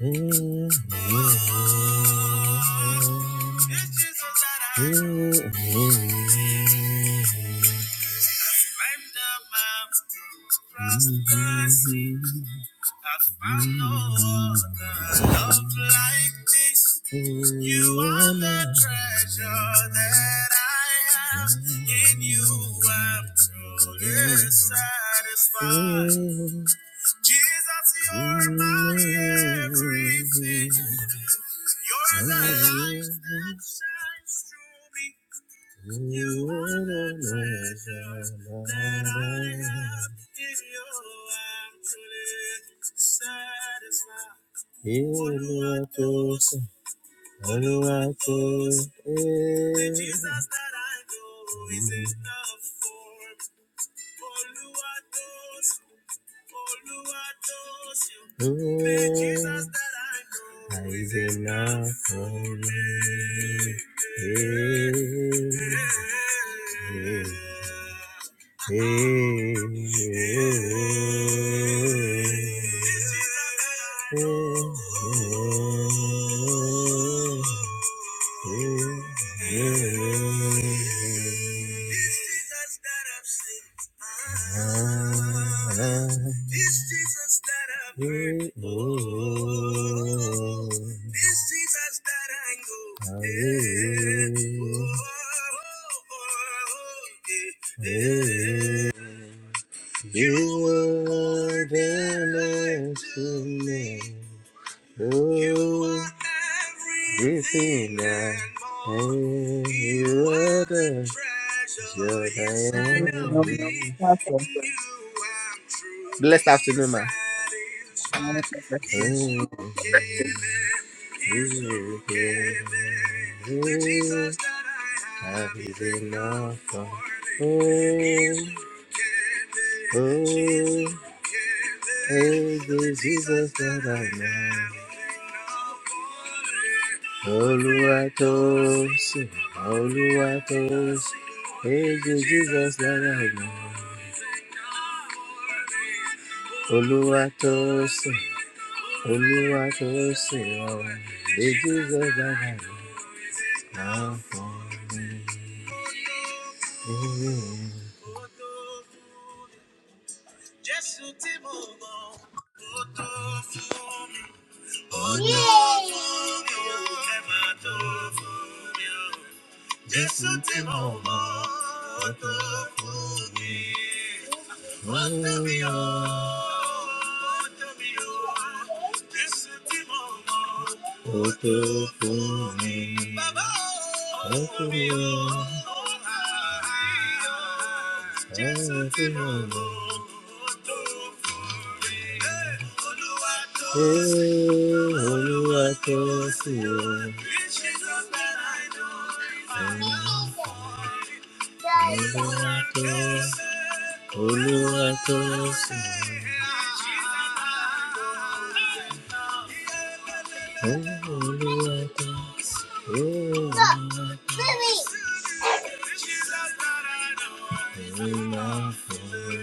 Mm-hmm. I found no other love like this. You are the treasure that I have. In you, I'm truly satisfied. Jesus, you're my everything. You're the light that shines through me. When you organize that I have. in you, I'm truly satisfied. Oluwatosin, Oluwatosin, eh. The Jesus that I know is enough for me. Oluwatosin, Ooh, Jesus that I know is enough for me. Hey, hey, Hey, hey, hey. You are the man to me. You are everything and You are the treasure Good day, inside beloved. Pastor, I'm Blessed afternoon, man. I bless satisfied. He's forgiven. With Jesus that I have enough for me. Is the Jesus that I know? Oluwatosin, Oluwatosin, is the Jesus that I know? Oluwatosin, Oluwatosin, oh, the Jesus that I know. Now for me. Amen. Jésù tí mo mọ̀, ó tó fún mi. Ó tó fún mi, ó Ó tó fún mi, ó tó mi ó, ó tó mi ó. Ee, Olúwa tó sí o. Olúwa tó Olúwa tó sùn. Olúwa tó Olúwa tó máa fún mi.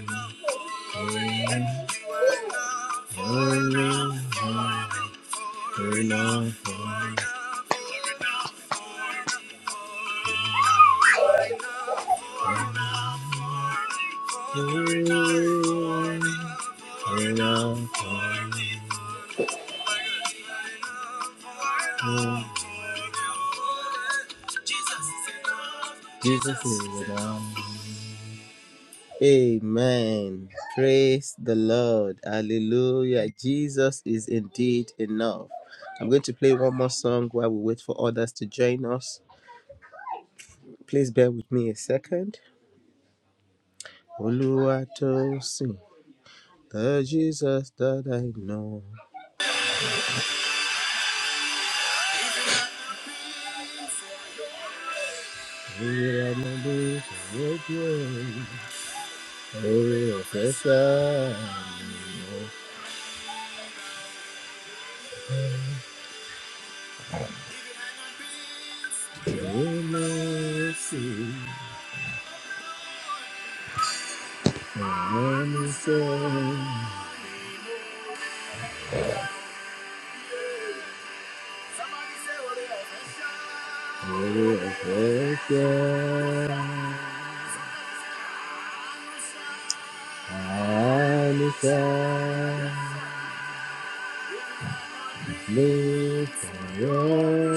Olúwa tó máa fún mi. Olúwa tó máa fún mi. Mm. Jesus is Lord. Amen. Praise the Lord. Hallelujah. Jesus is indeed enough. I'm going to play one more song while we wait for others to join us. Please bear with me a second. Olúwa tó sìn, the Jesus that I know. Ìrànlọ́wọ́ ìṣòro díẹ̀, oore ọ̀fẹ́ sáà. mercy, and send perfection. And send me for your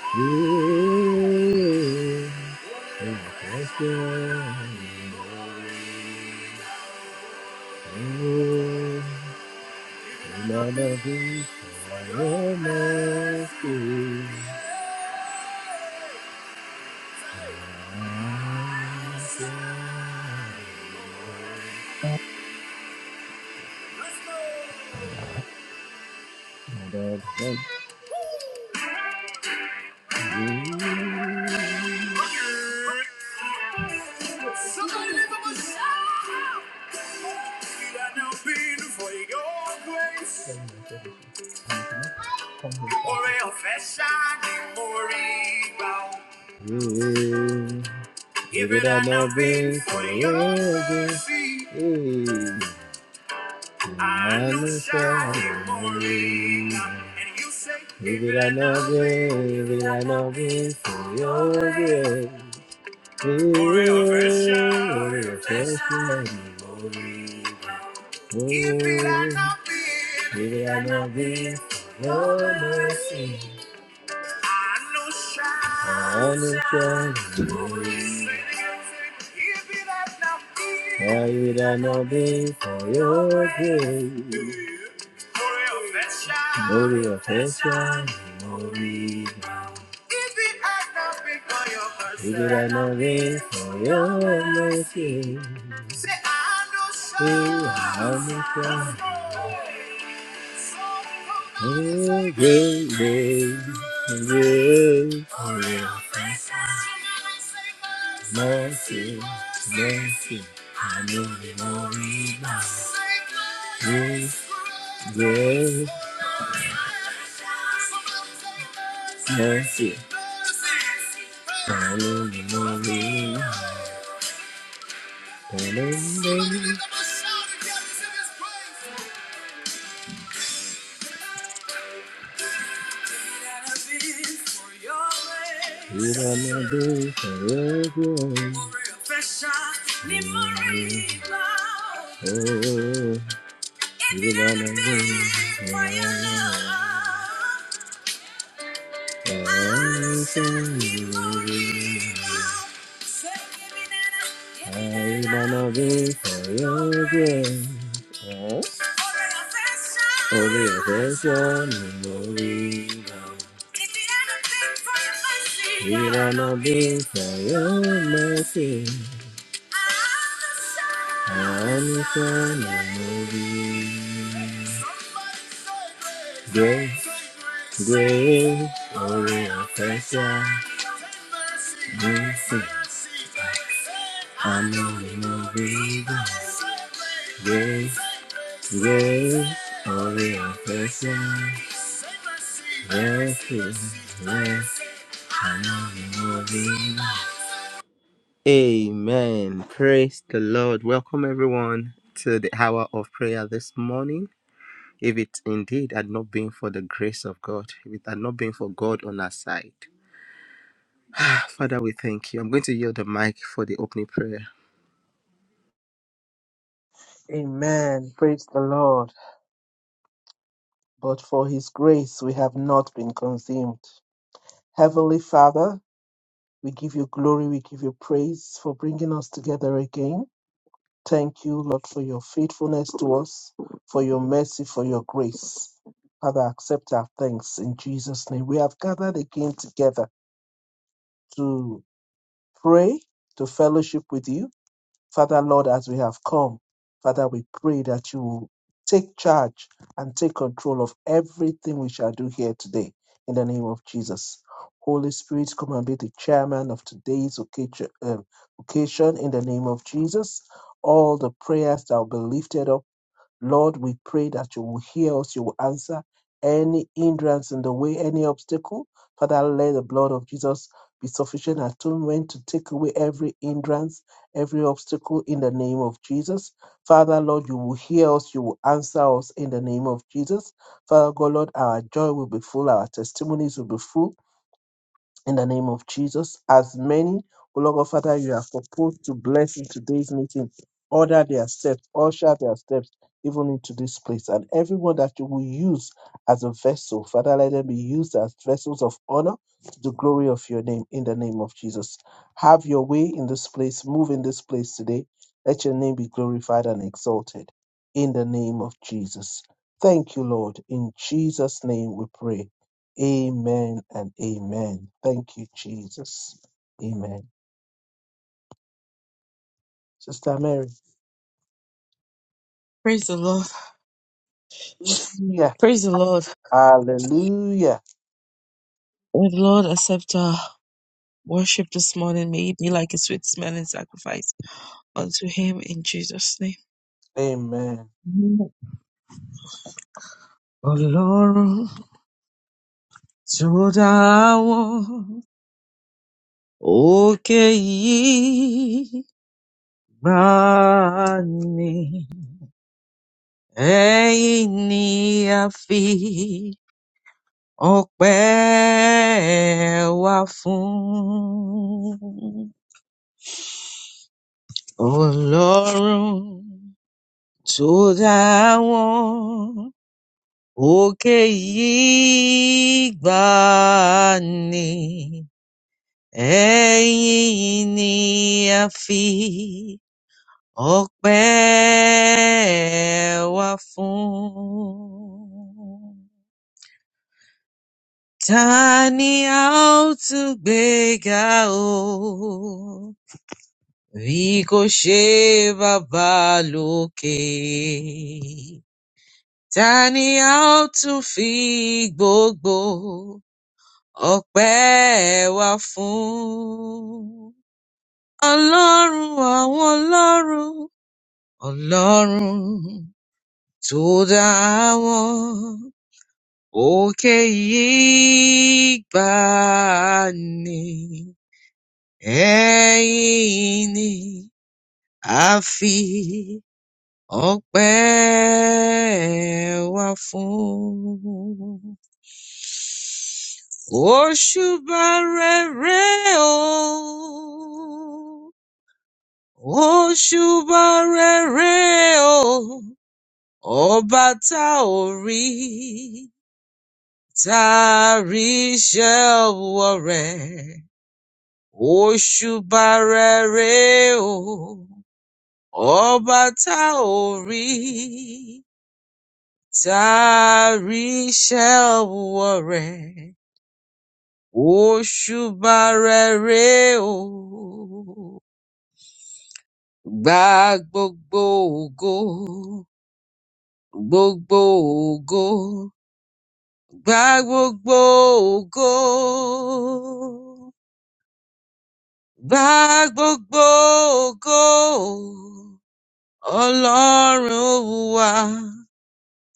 glory. Perfection. Oh, Lord of the your mercy, and send Somebody lift up a shout. We are now been for your grace. Or a fashion more rebound. Mm. If it had not been for your mercy, I know shining more rebound. And you say, if it had not been, if it had not been for your grace. If it had not been, if it had not been, for your mercy, I know shall, shall, glory. If it had not been, if it had not been for your grace, glory of heaven, glory. If it had not been for your mercy, Say, I know we would have been found. Oh, great day, great for your mercy, mercy. I know you worry about your grace. Mercy. I know you worry about your grace. You don't know this forever. Oh, If you don't for your love, I'll send you a reason. Say, give me that, give me that want for your your grace. grace. Huh? For your affection. person will be now. If you do for your mercy, We I'll want for your mercy. I'm a son of you. Grace, grace, oh, yeah, thank God. Mercy, I'm only moving. Grace, grace, oh, yeah, thank God. Mercy, mercy, I'm gonna be Amen. Praise the Lord. Welcome everyone to the hour of prayer this morning. If it indeed had not been for the grace of God, if it had not been for God on our side. Ah, Father, we thank you. I'm going to yield the mic for the opening prayer. Amen. Praise the Lord. But for his grace we have not been consumed. Heavenly Father, we give you glory, we give you praise for bringing us together again. Thank you, Lord, for your faithfulness to us, for your mercy, for your grace. Father, accept our thanks in Jesus' name. We have gathered again together to pray, to fellowship with you. Father, Lord, as we have come, Father, we pray that you will take charge and take control of everything we shall do here today in the name of Jesus. Holy Spirit, come and be the chairman of today's occasion, um, occasion in the name of Jesus. All the prayers that will be lifted up Lord, we pray that you will hear us, you will answer any hindrance in the way, any obstacle. Father, let the blood of Jesus be sufficient atonement to take away every hindrance, every obstacle in the name of Jesus. Father, Lord, you will hear us, you will answer us in the name of Jesus. Father God, Lord, our joy will be full, our testimonies will be full in the name of Jesus. As many, O Lord God Father, you have proposed to bless in today's meeting, order their steps, usher their steps even into this place. And everyone that you will use as a vessel, Father, let them be used as vessels of honor to the glory of your name in the name of Jesus. Have your way in this place, move in this place today. Let your name be glorified and exalted in the name of Jesus. Thank you, Lord. In Jesus' name we pray. Amen and amen. Thank you, Jesus. Amen. Sister Mary. Praise the Lord. Hallelujah. Praise the Lord. Hallelujah. May the Lord accept our worship this morning. May it be like a sweet smelling sacrifice unto Him in Jesus' name. Amen. Ọlọ́run tó dá àwọn òkè yìí gbà ní ẹ̀yìn ni a fi ọpẹ́ wa fún. Ọlọ́run To dáwọn òkè yìí gbà ní ẹ̀yìn ni a fi ọpẹ́ wa fún. Ta ni a ó tún gbé ga o? Bí kò ṣe bàbá lókè. Ta ni a ó tún fi gbogbo ọpẹ́ wa fún? Ọlọ́run àwọn ọlọ́run, Ọlọ́run tó dá àwọn òkè yìí gbà ní ẹ̀yìn ni a fi. Ọpẹ́ wá fún òṣùbà rere o. Òṣùbà rere o. Ọba tá ò rí tá a rí iṣẹ́ ọwọ́ rẹ̀. Òṣùbà rere o. Ọba tá ò rí. Tarisha wọ̀rẹ́ òṣùbà rẹ̀ rèé o. Gba gbogbo ògo, gbogbo ògo, gba gbogbo ògo. Gba gbogbo ògo, Ọlọ́run wa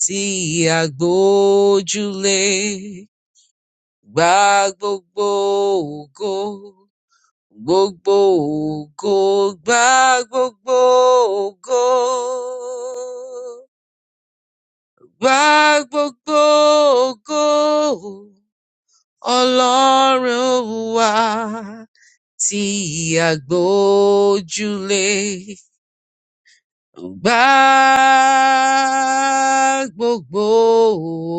tí a gbójúlé. Gba gbogbo ògo. Gbogbo ògo gbá gbogbo ògo. Gbá gbogbo ògo Ọlọ́run wa tí àgbójúlé. Gbá gbogbo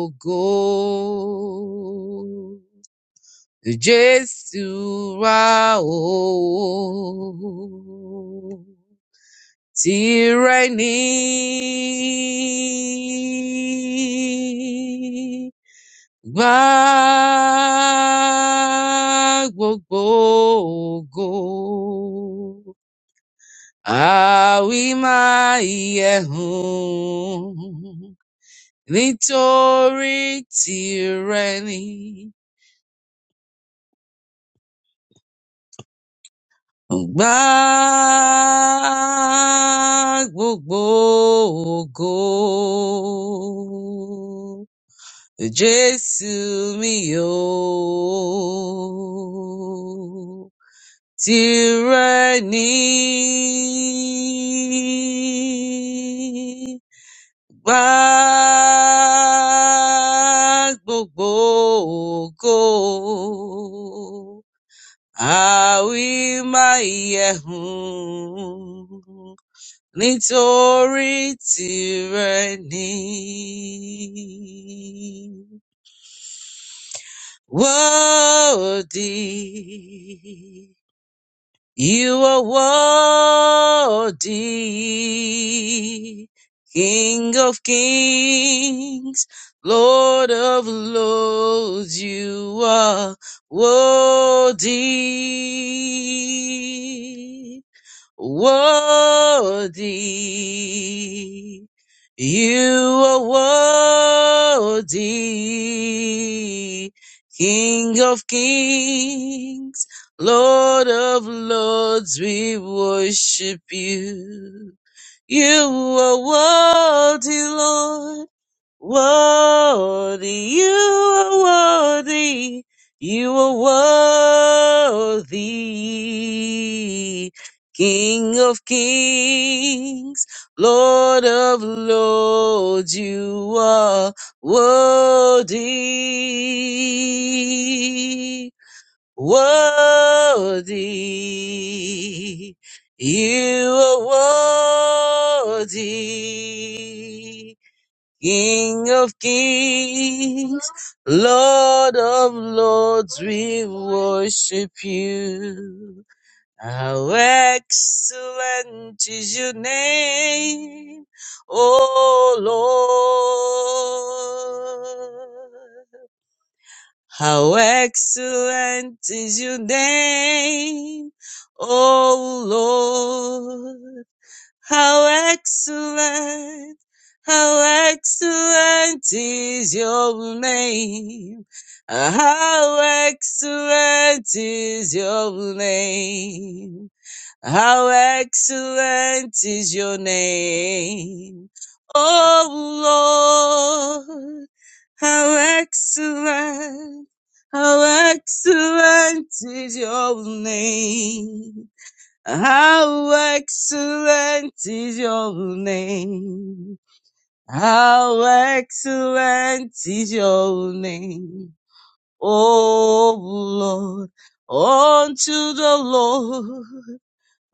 ògo. Jésù wa o. Tyranny gba gbogbo ògo. Àwí máa yẹ hùn nítorí tìrẹ ni. Gba gbogbo ògo. Jésù mi ò tirẹ̀ ní gbà gbogbo ògo àwí máa yẹ̀hùn nítorí tirẹ̀ ní. worthy. You are worthy, King of kings, Lord of lords. You are worthy worthy. You are worthy, King of kings, Lord of lords, we worship you. You are worthy, Lord. Worthy, you are worthy, you are worthy, King of kings, Lord of lords, you are worthy, worthy, you are worthy. King of kings, Lord of lords, we worship you. How excellent is your name, O Lord. How excellent is your name, O Lord. How excellent, how excellent is your name. How excellent is your name. How excellent is your name. Oh Lord, how excellent, how excellent is your name. How excellent is your name. How excellent is your name. O Lord, unto the Lord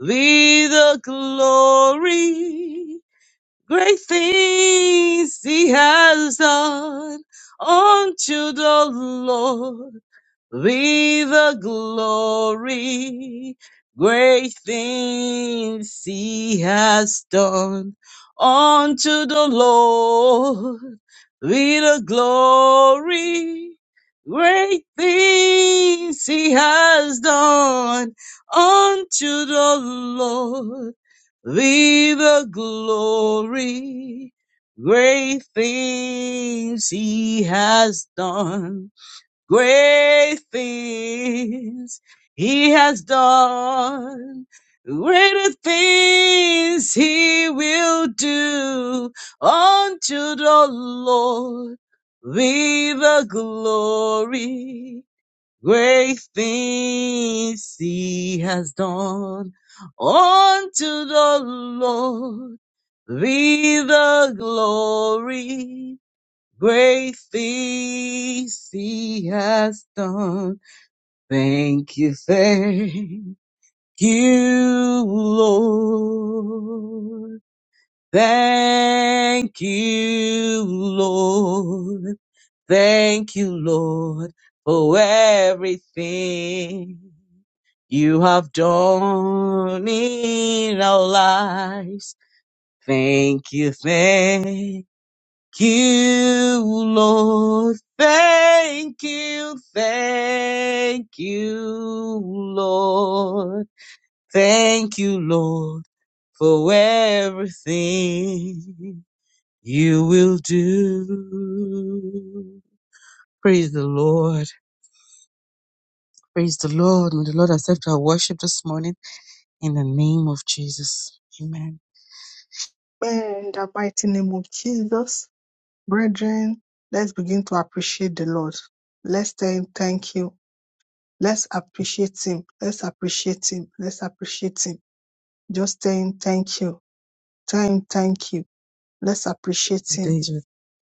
be the glory. Great things he has done unto the Lord be the glory, great things he has done unto the Lord. Be the glory, great things he has done unto the Lord. Be the glory, great things he has done Great things he has done. Greater things he will do unto the Lord be the glory. Great things he has done unto the Lord be the glory. Great things he has done. Thank you, thank you, Lord. Thank you, Lord. Thank you, Lord, for everything you have done in our lives. Thank you, thank you, Lord. Thank you, thank you, Lord. Thank you, Lord, for everything you will do. Praise the Lord. Praise the Lord. May the Lord accept our worship this morning in the name of Jesus. Amen. In the mighty name of Jesus, brethren, let's begin to appreciate the Lord. Let's tell him thank you. Let's appreciate him. Let's appreciate him. Let's appreciate him. Just tell him thank you. Tell him thank you. Let's appreciate The him. days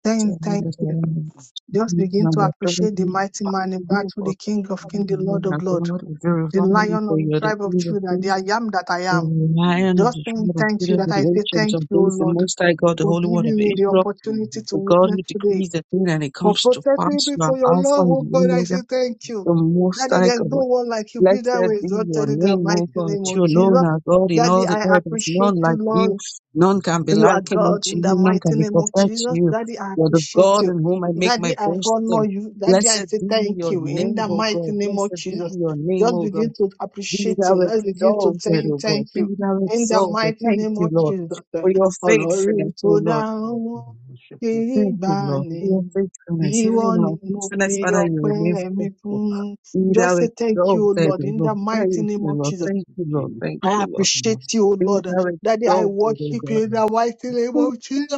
Tell him thank you. with- Just begin to appreciate the mighty man in You battle, are the King of Kings, the Lord my of Lords, God, we the verify you Lion for of the you are the tribe of King of Judah, the Kings, I am that I the am. Lion of Just the tell him tribe of thank you Judah, that the I say Ancient thank of you, O Days, the Lord, Most High God, the for Holy One giving of me the Israel, opportunity to the God witness who today. decrees the thing and it for comes to protecting pass. me You are for your Alpha love, and oh the God. I say Omega, thank you. the Most Daddy, High there's God. no one like you. Be Blessed that way, be your exalted in the name, O mighty God. name of You alone Jesus. are God in all Daddy, the I earth. There's none appreciate you, like Lord. you. None can be You are likened God unto in the you. None can mighty be name of compared to Jesus. you. Daddy, I You're the appreciate God you. in whom I make my Daddy, I honor boasting. you. Daddy, I Blessed say be thank your you in name, the O God. mighty name of Blessed be Jesus. your name, Just O God. begin to Be appreciate thou him. Let's begin to tell exalted, him O God. thank you Be thou in the exalted. mighty Thank name you, of Lord, Jesus. Eh, for your Ọlọ́run faithfulness, O tó Lord. dá wọn kì í Thank you, gbà Lord, ní. for your faithfulness. Even Ìwọ in ni our mo fi faithfulness, Father, you remain ọpẹ́ mi faithful. fún. Be thou Just say thank you, O exalted, Lord, O in the Lord. mighty Thank name you, of Lord. Jesus. Thank you, Lord. Thank I you, Lord. appreciate you, O Be Lord. thou Daddy, I exalted, O worship God. you in the mighty name of Jesus.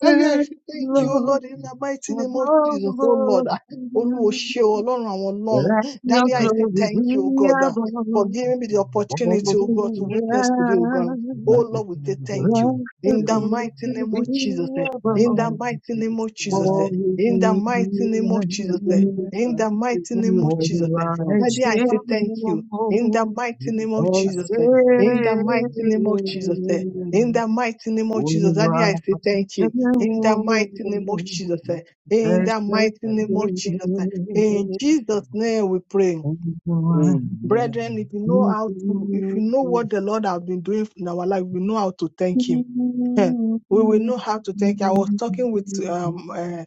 Ah, yes, thank you, O Lord, Lord, in the mighty above name of Jesus, oh all. Lord. Ah, the Olúwo earth. ṣé o, Ọlọ́run àwọn Let Ọlọ́run. your Daddy, I say glory thank you, O be God, ah, above for all giving me the the opportunity, O God, to witness today, O God. Oh earth. Lord, we say thank you. Let your In the glory mighty name be of Jesus, eh, in the above Amen. mighty name of Jesus, all eh, the in the mighty name of Jesus, eh, earth. in the mighty name of For Jesus. you eh. are a Daddy, I say thank you. In shield the mighty name of And Jesus, say, eh, we are in the doing mighty name of Jesus, eh, the in same. the mighty name of Jesus, Daddy, And I say thank you in the mighty name of Jesus. eh, In the mighty name of Jesus. eh, In Jesus' name we pray. so I Brethren, if you know do how to, if feel you know the what same. the Lord has been doing in our life, we know how to thank Him. Thank Eh, we will know how to take. I was talking with um uh,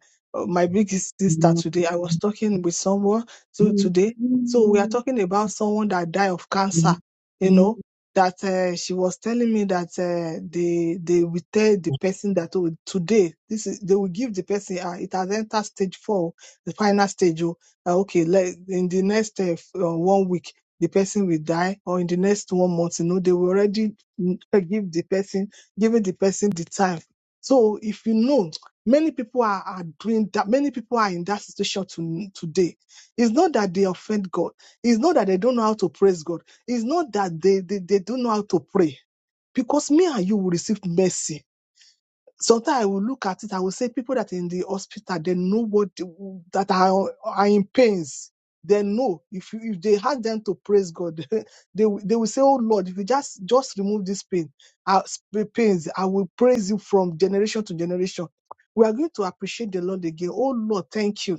my biggest sister today. I was talking with someone so today. So we are talking about someone that died of cancer. You know that uh, she was telling me that uh, they they will tell the person that oh, today this is they will give the person uh, it has entered stage four, the final stage. Oh, uh, okay, let, in the next uh, f- uh, one week the person will die, or in the next one month, you know they will already mm, give the person giving the person the time. So if you know, many people are, are doing that, many people are in that situation to, today. It's not that they offend God. It's not that they don't know how to praise God. It's not that they, they, they don't know how to pray. Because me and you will receive mercy sometimes I will look at it, I will say people that in the hospital, they know what they- that are, are in pains. They know if you, if they had them to praise God, they will- they will say, "Oh Lord, if you just just remove this pain, uh, sp- pains, I will praise you from generation to generation." We are going to appreciate the Lord again. Oh Lord, thank you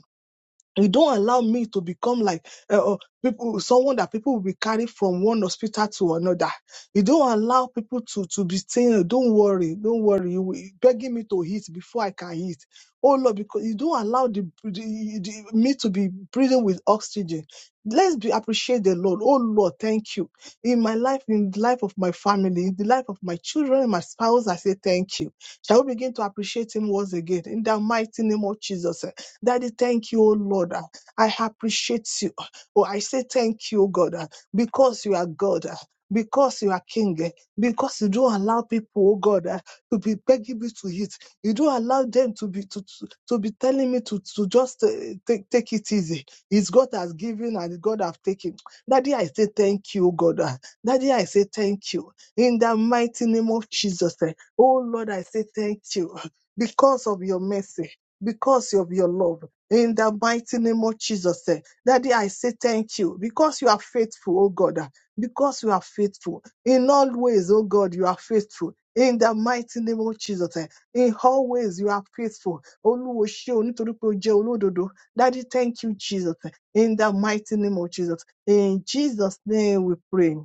you don't allow me to become like uh, uh, people, someone that people will be carried from one hospital to another. You don't allow people to to be saying, "Oh, "Don't worry, don't worry," you will- begging me to eat before I can eat. Oh Lord, because you don't allow the, the, the me to be breathing with oxygen. Let's be appreciate the Lord. Oh Lord, thank you. In my life, in the life of my family, in the life of my children, and my spouse, I say thank you. Shall we begin to appreciate Him once again in the mighty name of Jesus? eh? Daddy, thank you, oh Lord. ah. I appreciate you. Oh, I say thank you, oh God, ah, because you are God. ah, Because you are king, eh, because you don't allow people, oh God, ah, to be begging me to eat. You don't allow them to be to, to, to be telling me to, to just uh, take, take it easy. It's God has given and God has taken. Daddy, I say thank you, oh God. ah. Daddy, I say thank you. In the mighty name of Jesus. eh, Oh Lord, I say thank you ah, because of your mercy because of your love. In the mighty name of Jesus, eh, Daddy, I say thank you because you are faithful, oh God. ah, Because you are faithful in all ways, oh God, you are faithful. In the mighty name of Jesus, eh, in all ways you are faithful. Olúwo ṣé o, nítorí pé o jẹ́ olódodo. Daddy, thank you, Jesus. eh, In the mighty name of Jesus. In Jesus' name we pray.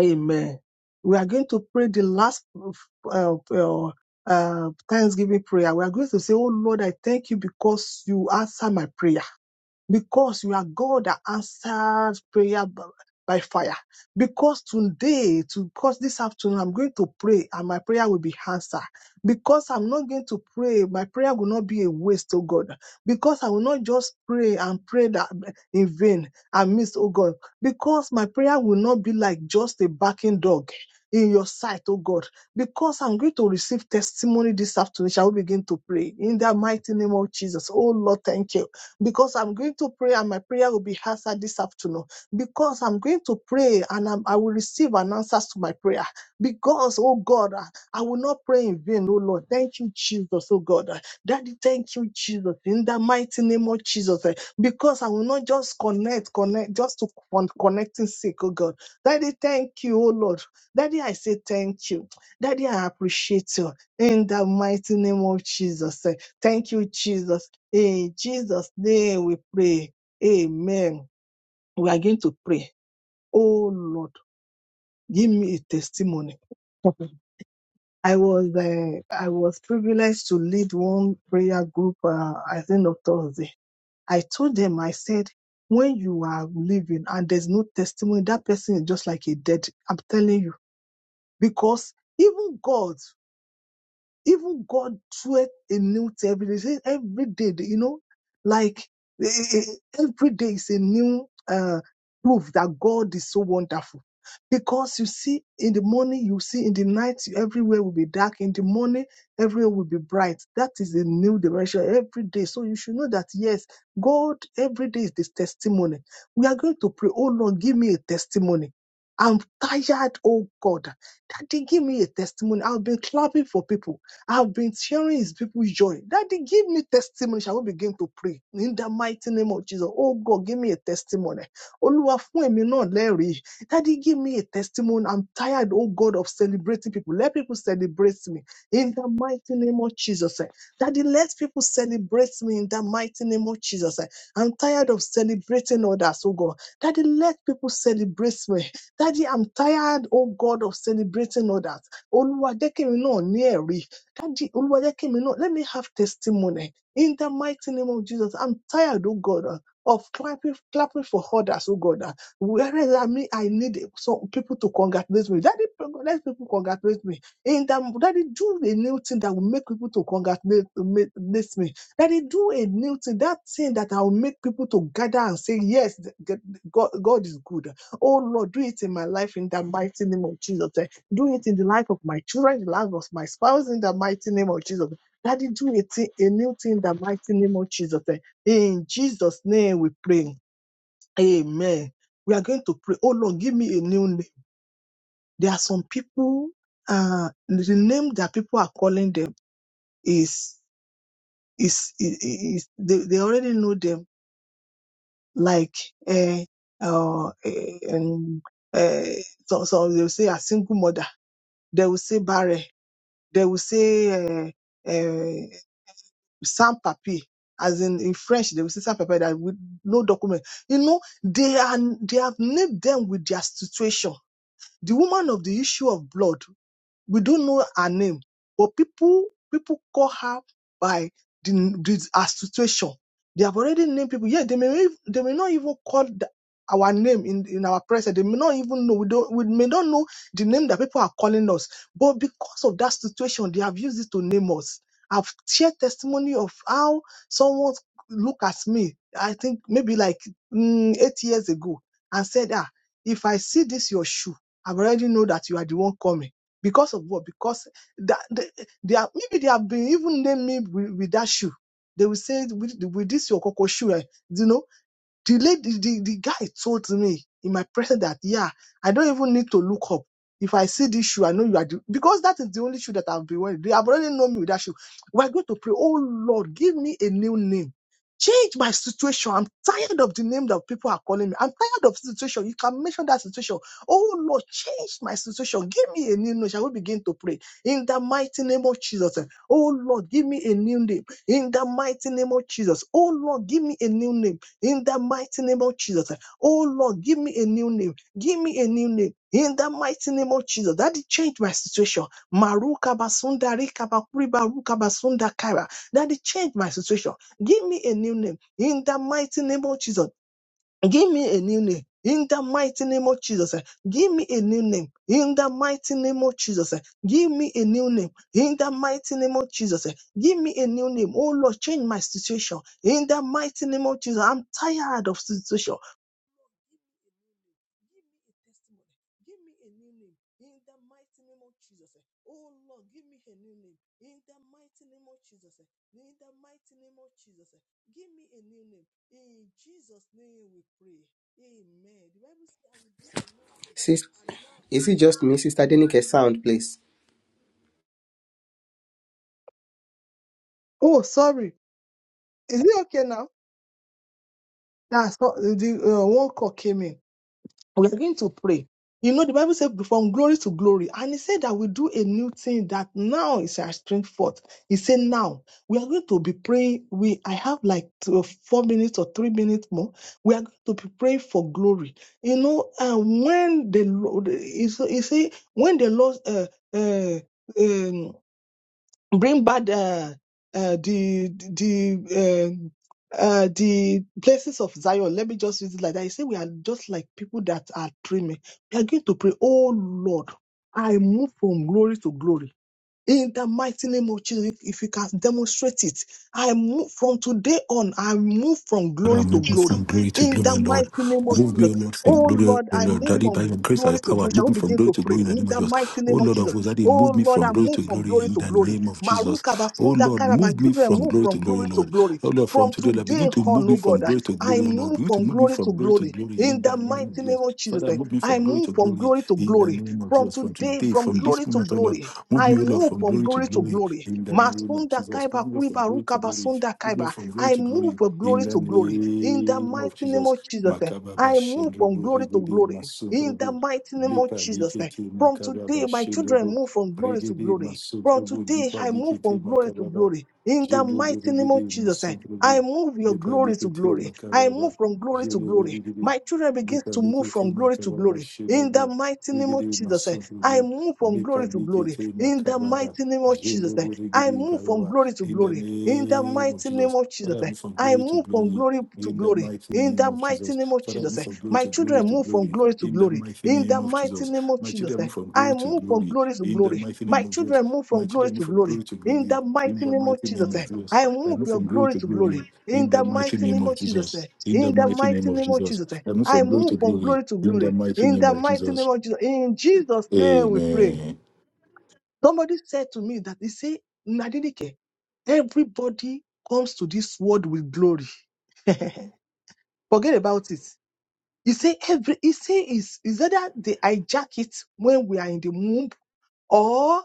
Amen. We are going to pray the last uh, uh, uh, Thanksgiving prayer. We are going to say, Oh Lord, I thank you because you answer my prayer because you are God that answered prayer b- by fire. Because today, to, because this afternoon, I'm going to pray and my prayer will be answered. Because I'm not going to pray, my prayer will not be a waste, oh God. Because I will not just pray and pray that in vain and miss, oh God. Because my prayer will not be like just a barking dog in your sight, oh God. Because I'm going to receive testimony this afternoon, shall we begin to pray in the mighty name of Jesus? Oh Lord, thank you because I'm going to pray and my prayer will be answered this afternoon. Because I'm going to pray and I'm, I will receive an answer to my prayer. Because, oh God, I I will not pray in vain, oh Lord. Thank you, Jesus, oh God. Daddy, thank you, Jesus, in the mighty name of Jesus. eh, Because I will not just connect, connect, just to con- connecting sake, oh God. Daddy, thank you, oh Lord. Daddy, I say thank you. Daddy, I appreciate you in the mighty name of Jesus. eh. Thank you, Jesus. In Jesus' name we pray. Amen. We are going to pray. Oh Lord, give me a testimony. Okay. I was uh, I was privileged to lead one prayer group. Uh, I think on Thursday. I told them I said, when you are living and there's no testimony, that person is just like a dead. I'm telling you because even God. Even God sweat a new to every day. He said every day, you know, like eh, eh, eh, every day is a new uh, proof that God is so wonderful. Because you see, in the morning, you see, in the night, everywhere will be dark. In the morning, everywhere will be bright. That is a new dimension every day. So you should know that, yes, God, every day is this testimony. We are going to pray, oh Lord, give me a testimony. I'm tired, oh God. Daddy, give me a testimony. I've been clapping for people. I've been sharing his people's joy. Daddy, give me testimony. Shall we begin to pray? In the mighty name of Jesus. Oh God, give me a testimony. Olúwa fún èmi náà lẹ́rìí. Daddy, give me a testimony. I'm tired, oh God, of celebrating people. Let people celebrate me. In the mighty name of Jesus. eh. Daddy, let people celebrate me in the mighty name of Jesus. eh. I'm tired of celebrating others, oh God. Daddy, let people celebrate me. Daddy, I'm tired, oh God, of celebrating others. Olúwa, jẹ́ kí èmi náà ní ẹ̀rí. Kaji Oluwadekimino, let me have testimony in the mighty name of Jesus. I'm tired, oh God, uh, of clapping, clapping for others, oh God. uh, Whereas I mean, I need some people to congratulate me. Daddy, let people congratulate me. In the daddy, do a new thing that will make people to congratulate make- this me. Daddy, do a new thing, that thing that I will make people to gather and say, yes, th- th- God, God is good. Oh Lord, do it in my life in the mighty name of Jesus do it in the life of my children, in the life of my spouse, in the mighty name of Jesus. Daddy, do a, thing, a new thing in the mighty name of Jesus. eh. In Jesus' name we pray. Amen. We are going to pray. Oh Lord, give me a new name. There are some people, uh, the name that people are calling them is, is, is, is- they, they already know them. Like, uh, uh, and, uh, so, so they'll say a single mother. They will say barren They will say uh, uh, sans papier, as in in French they will say sans papier that with no document. You know they are they have named them with their situation. The woman of the issue of blood we don't know her name, but people people call her by the, the her situation. They have already named people. Yeah, they may they may not even call the, our name in, in our presence. They may not even know. We don't we may not know the name that people are calling us. But because of that situation, they have used it to name us. I've shared testimony of how someone look at me. I think maybe like mm, eight years ago, and said, "Ah, if I see this your shoe, I've already know that you are the one coming." Because of what? Because that they, they are maybe they have been even named me with, with that shoe. They will say with, with this your cocoa shoe, eh, you know the lady, the, the guy told me in my presence that, yeah, I don't even need to look up. If I see this shoe, I know you are the, because that is the only shoe that I've been wearing. They have already known me with that shoe. We're going to pray, oh Lord, give me a new name. Change my situation. I'm tired of the name that people are calling me. I'm tired of situation. You can mention that situation. Oh Lord, change my situation. Give me a new name. Shall we begin to pray? In the mighty name of Jesus. Oh Lord, give me a new name. In the mighty name of Jesus. Oh Lord, give me a new name in the mighty name of Jesus. Oh Lord, give me a new name. Give me a new name. In the mighty name of Jesus, that change my situation. Maruka basunda rika bakuriba ruka basunda kaira. That change my situation. Give me a new name. In the mighty name of Jesus. Give me a new name in the mighty name of Jesus. eh. Give me a new name in the mighty name of Jesus. eh. Give me a new name in the mighty name of Jesus. eh. Give me a new name. Oh Lord, change my situation in the mighty name of Jesus. I'm tired of situation. Give me a new name. Give me a testimony. Give me a new name. In the mighty name of Jesus. eh. Oh Lord, give me a new name. In the mighty name of Jesus. eh. In the mighty name of Jesus. eh. Give me a new name. In Jesus' name we pray. Amen. The Bible says, I will do a new thing. And now. Just Oh, sorry. Is it okay now? That's what the uh, one call came in. we are going to pray. You know, the Bible said from glory to glory, and he said that we do a new thing that now is our strength forth. He said now we are going to be praying. We I have like two, four minutes or three minutes more. We are going to be praying for glory. You know, uh, when the Lord, he say he say, when the Lord, uh, uh, um, bring back uh, uh, the the um uh, the places of Zion. Let me just use it like that. You say we are just like people that are dreaming. We are going to pray, oh Lord, I move from glory to glory. In the mighty name of Jesus, if if you can demonstrate it, I move from today on, I move from Father, I'm glory to moving from glory. glory to In glory, O the Lord. mighty name of Move me, Jesus. O Lord, from Oh glory, Lord, O I Lord. move Daddy, by your from grace, glory and to power, glory. Shall Move we me from begin glory to to pray? glory in the In name of the Jesus. mighty Oh name of Lord of Jesus. hosts, Daddy, Oh move me Lord, from I glory move to from glory glory in to the glory. name of Jesus. Maruka Oh Basunda Lord, Kara, my move me children from move glory to from glory, glory O to Lord. glory. Oh Lord, from From today, Lord, begin today to move on, me oh from God, I glory to I glory, O Lord. move Begin to from move me glory to from glory to glory. glory in In the the name of mighty name Jesus. of Jesus, Father, I move me I from glory move to from glory glory to in the glory. name of From Jesus. From today, today, from from glory this to moment, O Lord, glory move I me, O Lord, move from from glory to glory to glory glory. in the name of Masunda Jesus. Move kaiba me, O Lord, from kuriba glory to ruka glory. basunda Move me O Lord, kaiba. from glory I to glory move from in glory the to glory. In the name of mighty name Jesus, of Jesus, eh, Makababa I move from Shendrubu glory to Rigidi glory. In the Masundrubu mighty name Lipa of Jesus, eh, Likete from Makababa today, my children Shendrubu move from glory to Rigidi glory. From Masundrubu today, Lipa I move Likete from glory to Makababa glory. In the Jendrubu mighty name of Rigidi Jesus, eh, I Masundrubu move your Lipa glory to Likete glory. I Makababa move from glory to Jendrubu glory. Rigidi My children begin Lipa to move Likete from glory to Makababa glory. In the Shendrubu mighty name of Rigidi Jesus, eh, I Masundrubu move from Lipa glory to glory. Likete In the Makababa mighty name of Jesus, eh, Jendrubu I Rigidi move from Kababa glory to in the glory. In the name of mighty name Jesus. of Jesus, Father, eh, move from I glory to move from glory glory to in the glory. mighty In name the of mighty Jesus. name of Father, Jesus, move eh, from glory my to glory children to move from glory glory to in the glory. mighty In name the of mighty Jesus. name of My Jesus, children eh, move from I glory to move from glory glory to in the glory. mighty My name of Jesus. children move My from glory children move to from glory. glory to In glory the mighty in the name of mighty name Jesus, of eh, Jesus. I I move move your from glory glory to to glory. glory In in the the mighty mighty name name of of Jesus, eh, Jesus. In the in the mighty name mighty of name of Jesus. Jesus, eh, I move I from glory to move from glory glory to in the glory. mighty In name the of mighty Jesus. name of Jesus, in Jesus' name we pray. Amen. Somebody said to me that they say, Nadinike, everybody comes to this world with glory. Forget about it. He say every he say is is either they hijack it when we are in the womb or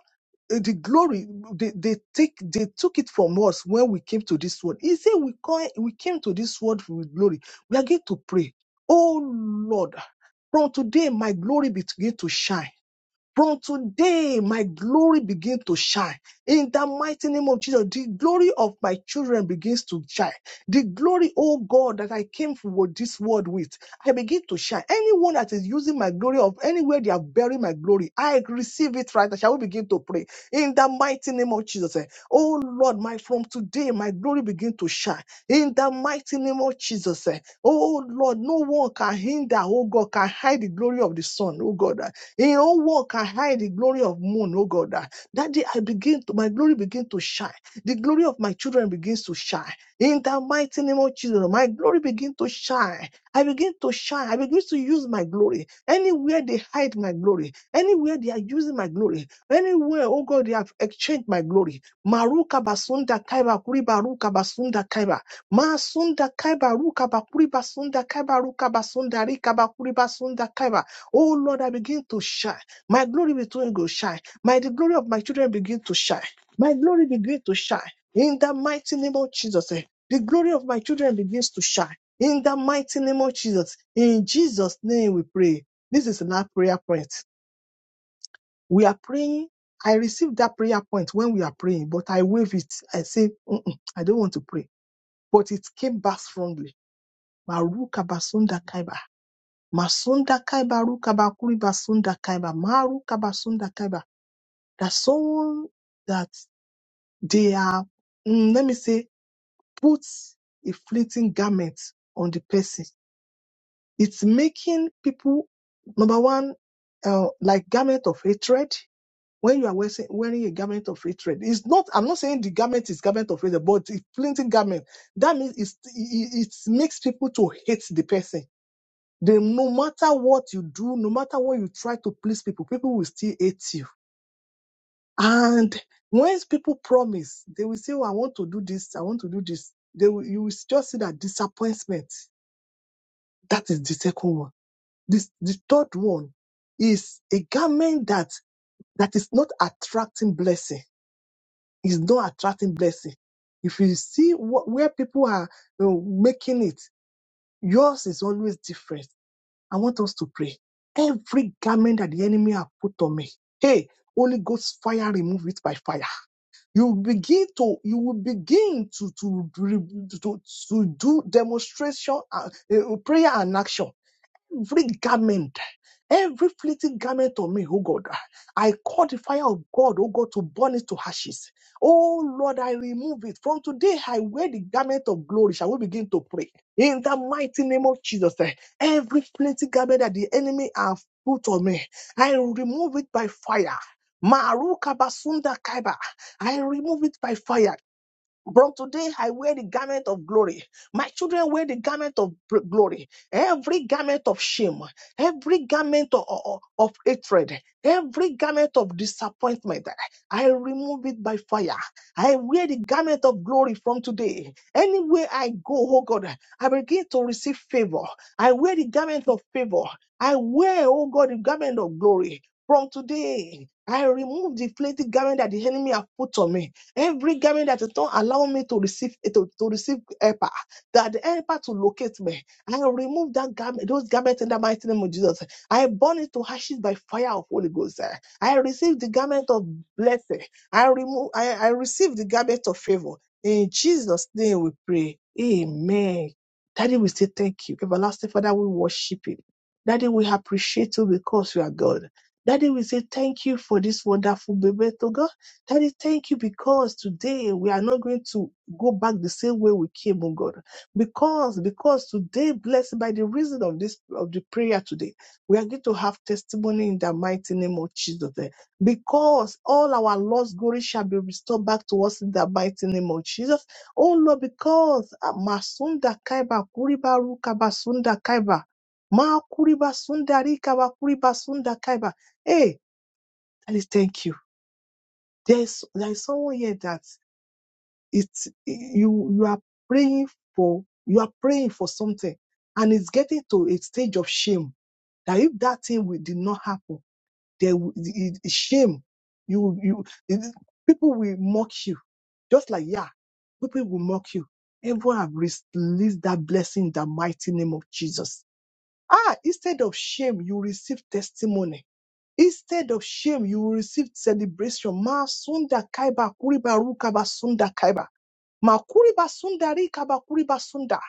uh, the glory they, they take they took it from us when we came to this world. He say we come we came to this world with glory. We are going to pray. Oh Lord, from today my glory begin to shine. From today, my glory begins to shine. In the mighty name of Jesus, the glory of my children begins to shine. The glory, oh God, that I came for this world with, I begin to shine. Anyone that is using my glory of anywhere they are buried my glory, I receive it right. now. Shall we begin to pray in the mighty name of Jesus? eh. Oh Lord, my from today, my glory begin to shine. In the mighty name of Jesus, eh. oh Lord, no one can hinder, oh God, can hide the glory of the Son, oh God. eh. In all work, I hide the glory of moon, oh God. Ah, That day I begin to, my glory begin to shine. The glory of my children begins to shine. In the mighty name of Jesus, my glory begin to shine. I begin to shine. I begin to use my glory. Anywhere they hide my glory, anywhere they are using my glory, anywhere, oh God, they have exchanged my glory. Maruka basunda kaiba kuriba ruka basunda kaiba. Masunda kaiba ruka bakuri basunda kaiba ruka basunda rika bakuri basunda kaiba. Oh Lord, I begin to shine. My glory between go shine. My the glory of my children begin to shine. My glory begin to shine. In the mighty name of Jesus, eh, the glory of my children begins to shine. In the mighty name of Jesus, in Jesus' name we pray. This is our prayer point. We are praying. I received that prayer point when we are praying, but I wave it. I say, "Mm-mm, I don't want to pray. But it came back strongly. Maruka basunda kaiba. Masunda kaiba rukaba kuriba sunda kaiba maru kaba sunda kaiba. That someone that they are, mm, let me say, put a fleeting garment on the person. It's making people number one, uh, like garment of hatred. When you are wearing, wearing a garment of hatred, it's not. I'm not saying the garment is garment of hatred, but it's fleeting garment. That means it's, it, it it makes people to hate the person They, no matter what you do, no matter what you try to please people, people will still hate you. And once people promise, they will say, oh, I want to do this, I want to do this. They will, you will just see that disappointment. That is the second one. This, the third one is a garment that, that is not attracting blessing. It's not attracting blessing. If you see what, where people are you know, making it, yours is always different. I want us to pray. Every garment that the enemy have put on me, hey, Holy Ghost fire, remove it by fire. You begin to, you will begin to to to, to, to do demonstration, uh, uh, prayer and action every garment, every fleeting garment of me, oh God, I call the fire of God, oh God, to burn it to ashes. Oh Lord, I remove it. From today, I wear the garment of glory. Shall we begin to pray? In the mighty name of Jesus, eh, every fleeting garment that the enemy have put on me, I remove it by fire. Maruka basunda kaiba. I remove it by fire. But today I wear the garment of glory. My children wear the garment of bl- glory. Every garment of shame, every garment of, of, of hatred, every garment of disappointment, I remove it by fire. I wear the garment of glory from today. Anywhere I go, oh God, I begin to receive favor. I wear the garment of favor. I wear, oh God, the garment of glory from today. I remove the flinty garment that the enemy have put on me. Every garment that is not allowing me to receive eh, to, to receive helper, that the helper to locate me, I remove that garment, those garments in the mighty name of Jesus. I burn it to ashes by fire of Holy Ghost. eh. I receive the garment of blessing. I remove. I, I receive the garment of favor. In Jesus' name we pray. Amen. Daddy, we say thank you. Everlasting Father, we worship you. Daddy, we appreciate you because you are God. Daddy, we say thank you for this wonderful baby to God. Daddy, thank you because today we are not going to go back the same way we came, oh God. Because, because today, blessed by the reason of this, of the prayer today, we are going to have testimony in the mighty name of Jesus. eh. Because all our lost glory shall be restored back to us in the mighty name of Jesus. Oh Lord, because ah, Masunda Kaiba, Kuriba Rukaba Sunda Kaiba, Ma Kuriba Sunda Rikaba Kuriba Sunda Kaiba. Hey, Daddy, thank you. There's there is someone here that it's you you are praying for you are praying for something and it's getting to a stage of shame that if that thing will, did not happen, there will- it- it- shame you you it- people will mock you just like yeah people will mock you. Everyone have released that blessing in the mighty name of Jesus. Ah, instead of shame, you receive testimony Instead of shame, you will receive celebration. Masunda kaiba kuriba rukaba sunda kaiba. Makuri basunda, rika bakuri basunda.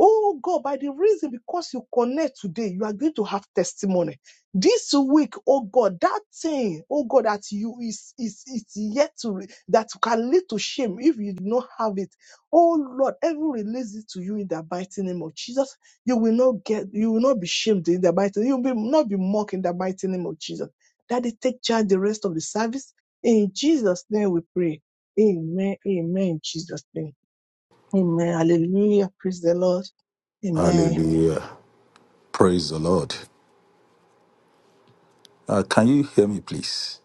Oh God, by the reason because you connect today, you are going to have testimony. This week, oh God, that thing, oh God, that you is is is yet to re- that can lead to shame if you do not have it. Oh Lord, heaven release it to you in the mighty name of Jesus. You will not get, you will not be shamed in the mighty. You will be- not be mocked in the mighty name of Jesus. Daddy, take charge the rest of the service. In Jesus' name we pray. Amen. Amen. In Jesus' name. Amen. Hallelujah. Praise the Lord. Amen. Hallelujah. Praise the Lord. Uh, can you hear me, please?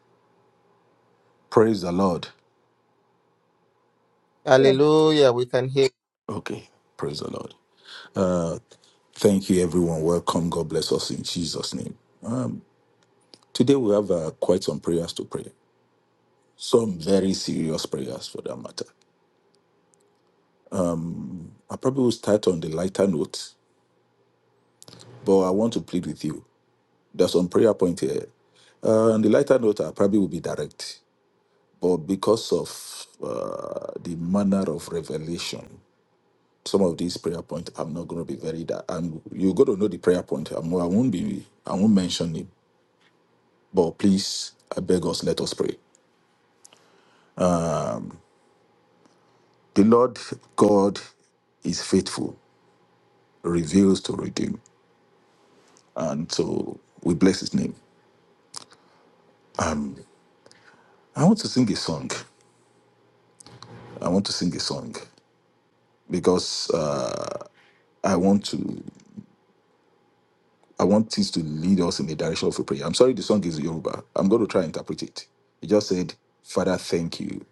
Praise the Lord. Okay. Praise the Lord. Thank you, everyone. Welcome. God bless us in Jesus' name. Today we have uh, quite some prayers to pray. Some very serious prayers for that matter. I probably will start on the lighter note, but I want to plead with you. There's some prayer point here. Uh, on the lighter note, I probably will be direct, but because of uh, the manner of revelation, some of these prayer points, I'm not going to be very. Di- I'm you're going to know the prayer point. I'm, I won't be. I won't mention it. But please, I beg us, let us pray. The Lord God is faithful, reveals to redeem. And so we bless his name. I want to sing a song. I want to sing a song because uh, I want to I want this to lead us in the direction of a prayer. I'm sorry the song is Yoruba. I'm going to try and interpret it. It just said, Father, thank you.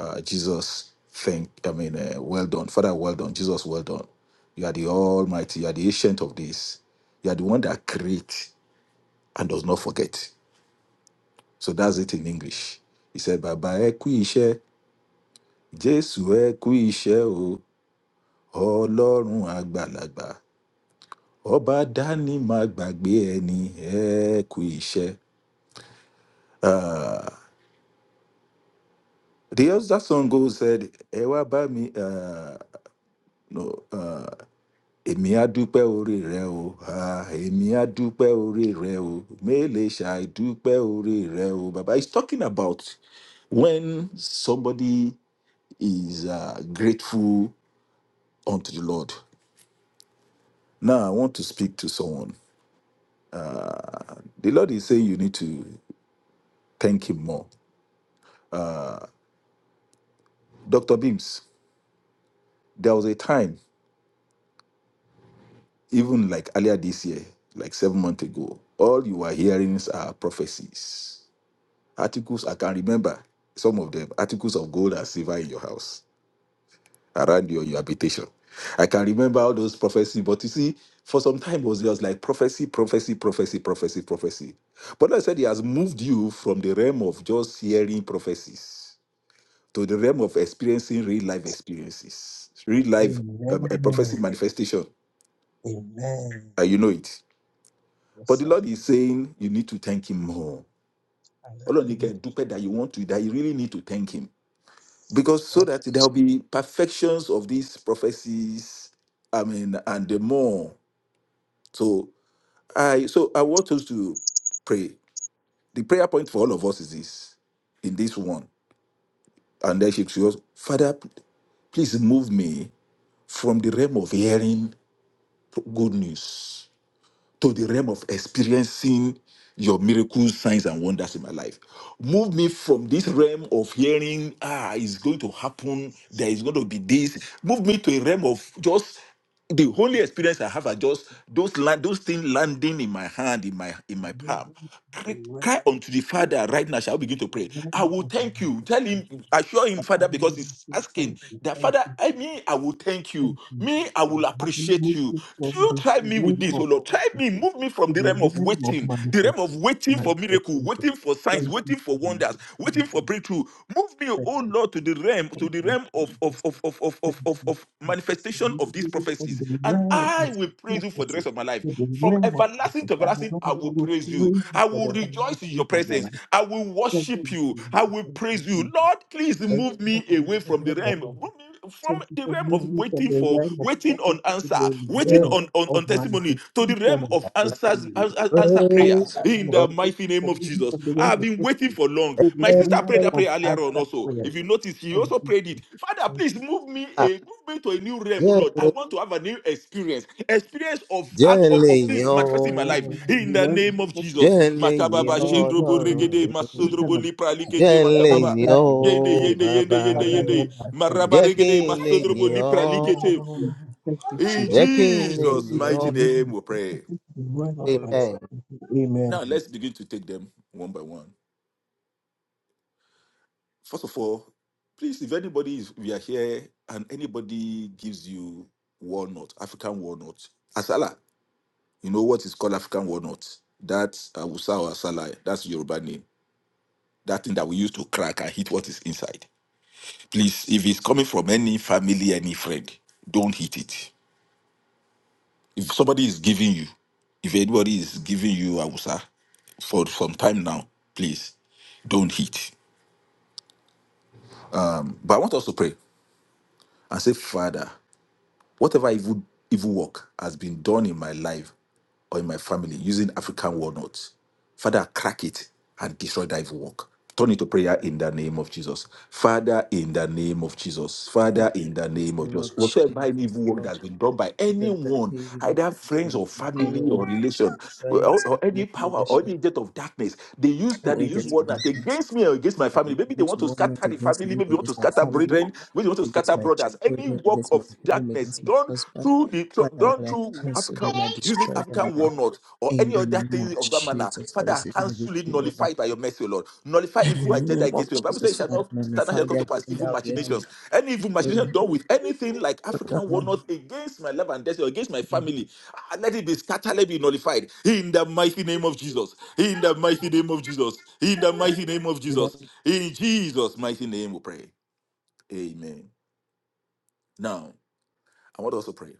Uh, Jesus, thank I mean, uh, well done. Father, well done. Jesus, well done. You are the Almighty. You are the ancient of this. You are the one that creates and does not forget. So that's it in English. He said, Bàbá ẹ kú iṣẹ́, Jésù ẹ kú iṣẹ́ o, Ọlọ́run àgbàlagbà, Ọba dání má gbàgbé ẹni ẹ kú iṣẹ́. The other song goes said, Ẹ wá bá mi, uh, no, èmi á dúpẹ́ orí rẹ o, ah, èmi á dúpẹ́ orí rẹ o, mélèé ṣàì dúpẹ́ orí rẹ o. Bàbá he's talking about when somebody is uh, grateful unto the Lord. Now, I want to speak to someone. The Lord is saying you need to thank Him more. Dr. Beams, there was a time, even like earlier this year, like seven months ago, all you are hearing are prophecies. Articles, I can remember some of them, articles of gold and silver in your house, around your, your habitation. I can remember all those prophecies, but you see, for some time it was just like prophecy, prophecy, prophecy, prophecy, prophecy. But I said He has moved you from the realm of just hearing prophecies to the realm of experiencing real life experiences, real life um, a prophecy Amen. manifestation, Amen. and you know it. Yes, But the sir. Lord is saying you need to thank Him more. Ọlọ́run ní Hallelujah. kẹ́ ẹ dúpẹ́ that you want to, that you really need to thank Him. Because so That's that there will be perfections of these prophecies, I mean, and the more. So I so I want us to pray. The prayer point for all of us is this in this one. And then she goes, Father, p- please move me from the realm of hearing good news to the realm of experiencing your miracles, signs, and wonders in my life. Move me from this realm of hearing, ah, it's going to happen, there is going to be this. Move me to a realm of just the only experience I have are just those land, those things landing in my hand, in my in the my glory, palm. Cry the cry rest, unto the Father right now. Shall we begin to pray? I will thank you. Tell him, assure him, But I Father, because need to he's say asking thank you. that Thank Father, I you. mean, I will thank you. Thank you. Me, I for will having appreciate moved you. me to from You the try me with realm this, oh of Lord. Try me, prophecy move me to from the the realm of realm of waiting, the realm manifest, of waiting for miracle, manifestation. waiting for signs, Thank you, waiting for wonders, Jesus. waiting Thank for you, breakthrough. Move me, thank oh you, Lord, to Jesus. the realm, to Thank the you, realm of of, Jesus. of, of, of, of, Thank of, of, you, of Jesus. manifestation of these Moving me from prophecies. the And realm I of will praise you for the rest prophecy of my life. to the From realm of everlasting to manifest. And everlasting, I Lord, I will will praise you. praise I you for will the rejoice in your everlasting in my presence. life. I will Thank worship you, you. I Jesus. will Thank praise you, you. Jesus. Lord, please Thank move you, me Jesus. away from the Thank realm. you, Move me from Thank you the for realm of moving from waiting the for realm of waiting prophecy on to answer the waiting realm on on, of on testimony to the manifestation realm of of answers destiny. ans- ans- answer prayers Praise Father, in Lord, the from thank mighty you for name of moving jesus from the i realm have of been waiting prophecy for long to the my sister realm prayed that of prayer earlier on answer also prayer. if you notice she Thank also you, prayed it Jesus. father Thank please you, move me a move me to a new realm oh lord i want to have a new experience experience of act- of, Jesus. Jẹ́lẹ̀ of jẹ́lẹ̀ yàn things manifesting You in my move life me ọ́, from in the the realm of name of prophecy jesus jẹ́lẹ̀ to yàn makababa the realm of shendrobo regede Ọlọ́run mi, manifestation masondrobo of lipra likete makababa. answer Yende, prayer. yende, yende, yende, Father, bàbá. yende. Lord, I thank Jẹ́ kí Marabaregede, n lè you. masodrobo, yìn lipra, Thank you, likete. Jesus. ọ́. Thank you, In Jẹ́ Jesus. kí n lè Amen. Jesus' We yìn can ọ́. mighty believe name in we the pray. prophecy, the word of God. Amen. Amen. Now let's begin to take them one by one. First of all, please, if anybody is we are here and anybody gives you walnut, African walnut, asala, you know what is called African walnut? That's awusa or asala, that's Yoruba name. That thing that we use to crack and hit what is inside. Please, if it's coming from any family, any friend, don't hit it If somebody is giving you, if anybody is giving you Awusa for some time now, please don't hit. But I want us to pray and say, Father, Whatever evil, evil work has been done in my life or in my family using African walnuts, Father, crack it and destroy that evil work. Turn it to prayer in the name of Jesus. Father, in the name of Jesus. Father, in the name of Jesus. Whatsoever any evil work that's been done by anyone, either friends or family or relation, or, or any power or any jet of darkness, they use that they use walnut against me or against my I family. Maybe they refuse to want to war not scatter the against family, me, maybe they want to against my scatter family, brethren, maybe they want to against scatter my brothers us any children, work against my of home, darkness against my done husband. through the so, Father done Lord, I through cancel them, African I using destroy them African now. walnut or In any the other name of thing of that manner, Jesus, I Father, receive my cancel it, victory over. nullify it by your mercy, O Lord. Nullify In evil the agenda name of against me. The Bible says, it Jesus, shall Father, not stand shall magnify the come to pass agenda evil of the enemy. machinations. Any evil Mm. machination mm, done with anything like African mm, walnut against my love and destiny, or against my mm. family, ah, let it be scattered, let it be nullified. In the mighty name of Jesus. In the mighty name of Jesus. In the mighty name of Father, Jesus. In Jesus' mighty name, we pray. Amen. Now. I want us to pray.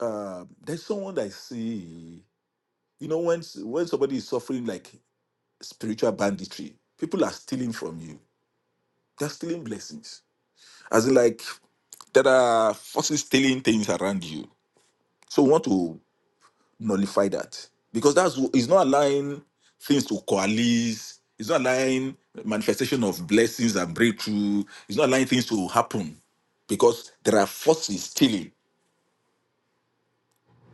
Um, there's someone that I see, you know, when when somebody is suffering like spiritual banditry, people are stealing from you. They're stealing blessings. As in, like there are forces stealing things around you. So we want to nullify that because that's it's not allowing things to coalesce. It's not allowing manifestation of blessings and breakthrough. It's not allowing things to happen because there are forces stealing.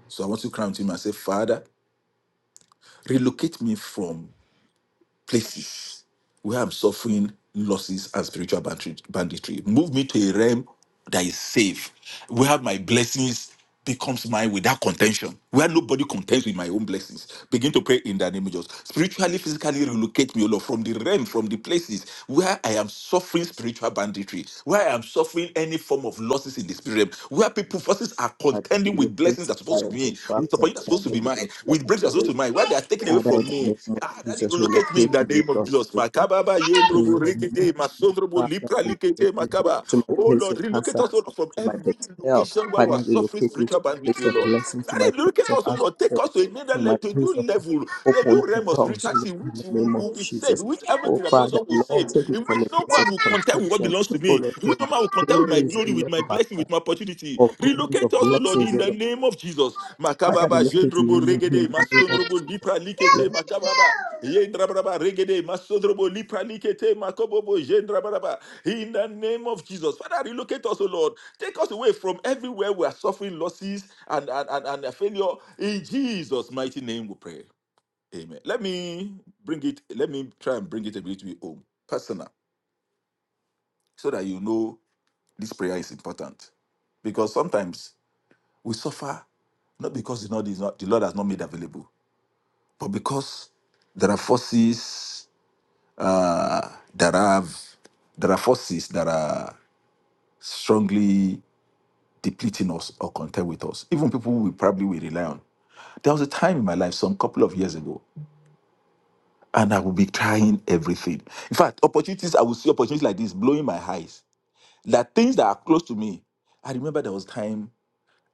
So I want to cry out to him and say, Father, relocate me from places where I'm suffering losses and spiritual bandit- banditry. Move me to a realm that is safe, where my blessings becomes mine without contention, where nobody contends with my own blessings. Begin to pray in the name of Jesus. Spiritually, physically relocate me, O Lord, from the realm, from the places where I am suffering spiritual banditry, where I am suffering any form of losses in the spirit realm, where people forces are I contending with blessings relocate that are all supposed to of be me me. my With for you are supposed to be mine. With breaks, you are content. supposed to be mine. Why they are taken away Father, from in the me? name of Ah, that Jesus, relocate me in relocate the me, name of Lord. Jesus. Makababa In yendrobo the name of rekete Jesus, masondrobo Father, lipra relocate likete me makaba. to my Oh place Lord, of relocate answer us O prayer, Lord, from to my every best help. location where we are Father, suffering relocate me to spiritual my bandwidth, place oh of Lord. blessing, to my Daddy, place relocate of us, oh answer Lord. Take us to prayers, another to my level, to a place new of level, a open new realm of doors, Lord, spirituality, in which the will, name of will be saved, Jesus. which Oh, everything that does Father, what will Lord, save, take me in from which a no place of one will contend with what contention. belongs Oh, to me. Lord, hear Which my number will contend with my praise, oh, glory, with Lord, my of blessing, our- with my opportunity. of goodness, of Relocate us, O Lord, blessings, in oh, the Lord. name of Jesus. Father, Makababa, relocate me Lord, Jendrobo, in the name Regede, of Jesus. Masondrobo, Lipra, Likete, Lord, Makababa. Yendrabraba, Regede, Masondrobo, Lipra, Likete, Makobobo, Jendrabraba. In the name of Jesus. Father, relocate us, O Lord. Take us away from everywhere we are suffering losses and, and, and, and failure. In Jesus' mighty name we pray. Amen. Let me bring it, let me try and bring it a bit to you home. Personal. So that you know this prayer is important because sometimes we suffer not because the Lord, is not, the Lord has not made available, but because there are forces uh, that have there are forces that are strongly depleting us or contend with us. Even people we probably will rely on. There was a time in my life, some couple of years ago, and I would be trying everything. In fact, opportunities I would see opportunities like this blowing my eyes. That things that are close to me. I remember there was time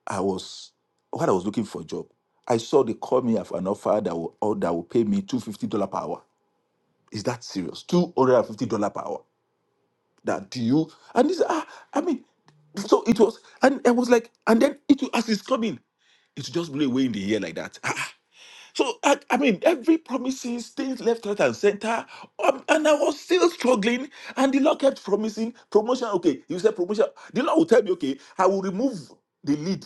I was while I was looking for a job, I saw they called me for an offer that will or that will pay me two fifty dollar per hour. Is that serious? Two hundred and fifty dollar per hour. That do you? And this ah, I mean, so it was, and I was like, and then it will- as it's coming, it will just blew away in the air like that. So I, I mean, every promises, things left, right, and center, um, and I was still struggling. And the Lord kept promising promotion. Okay, you said promotion. The Lord will tell me, okay, I will remove the lead,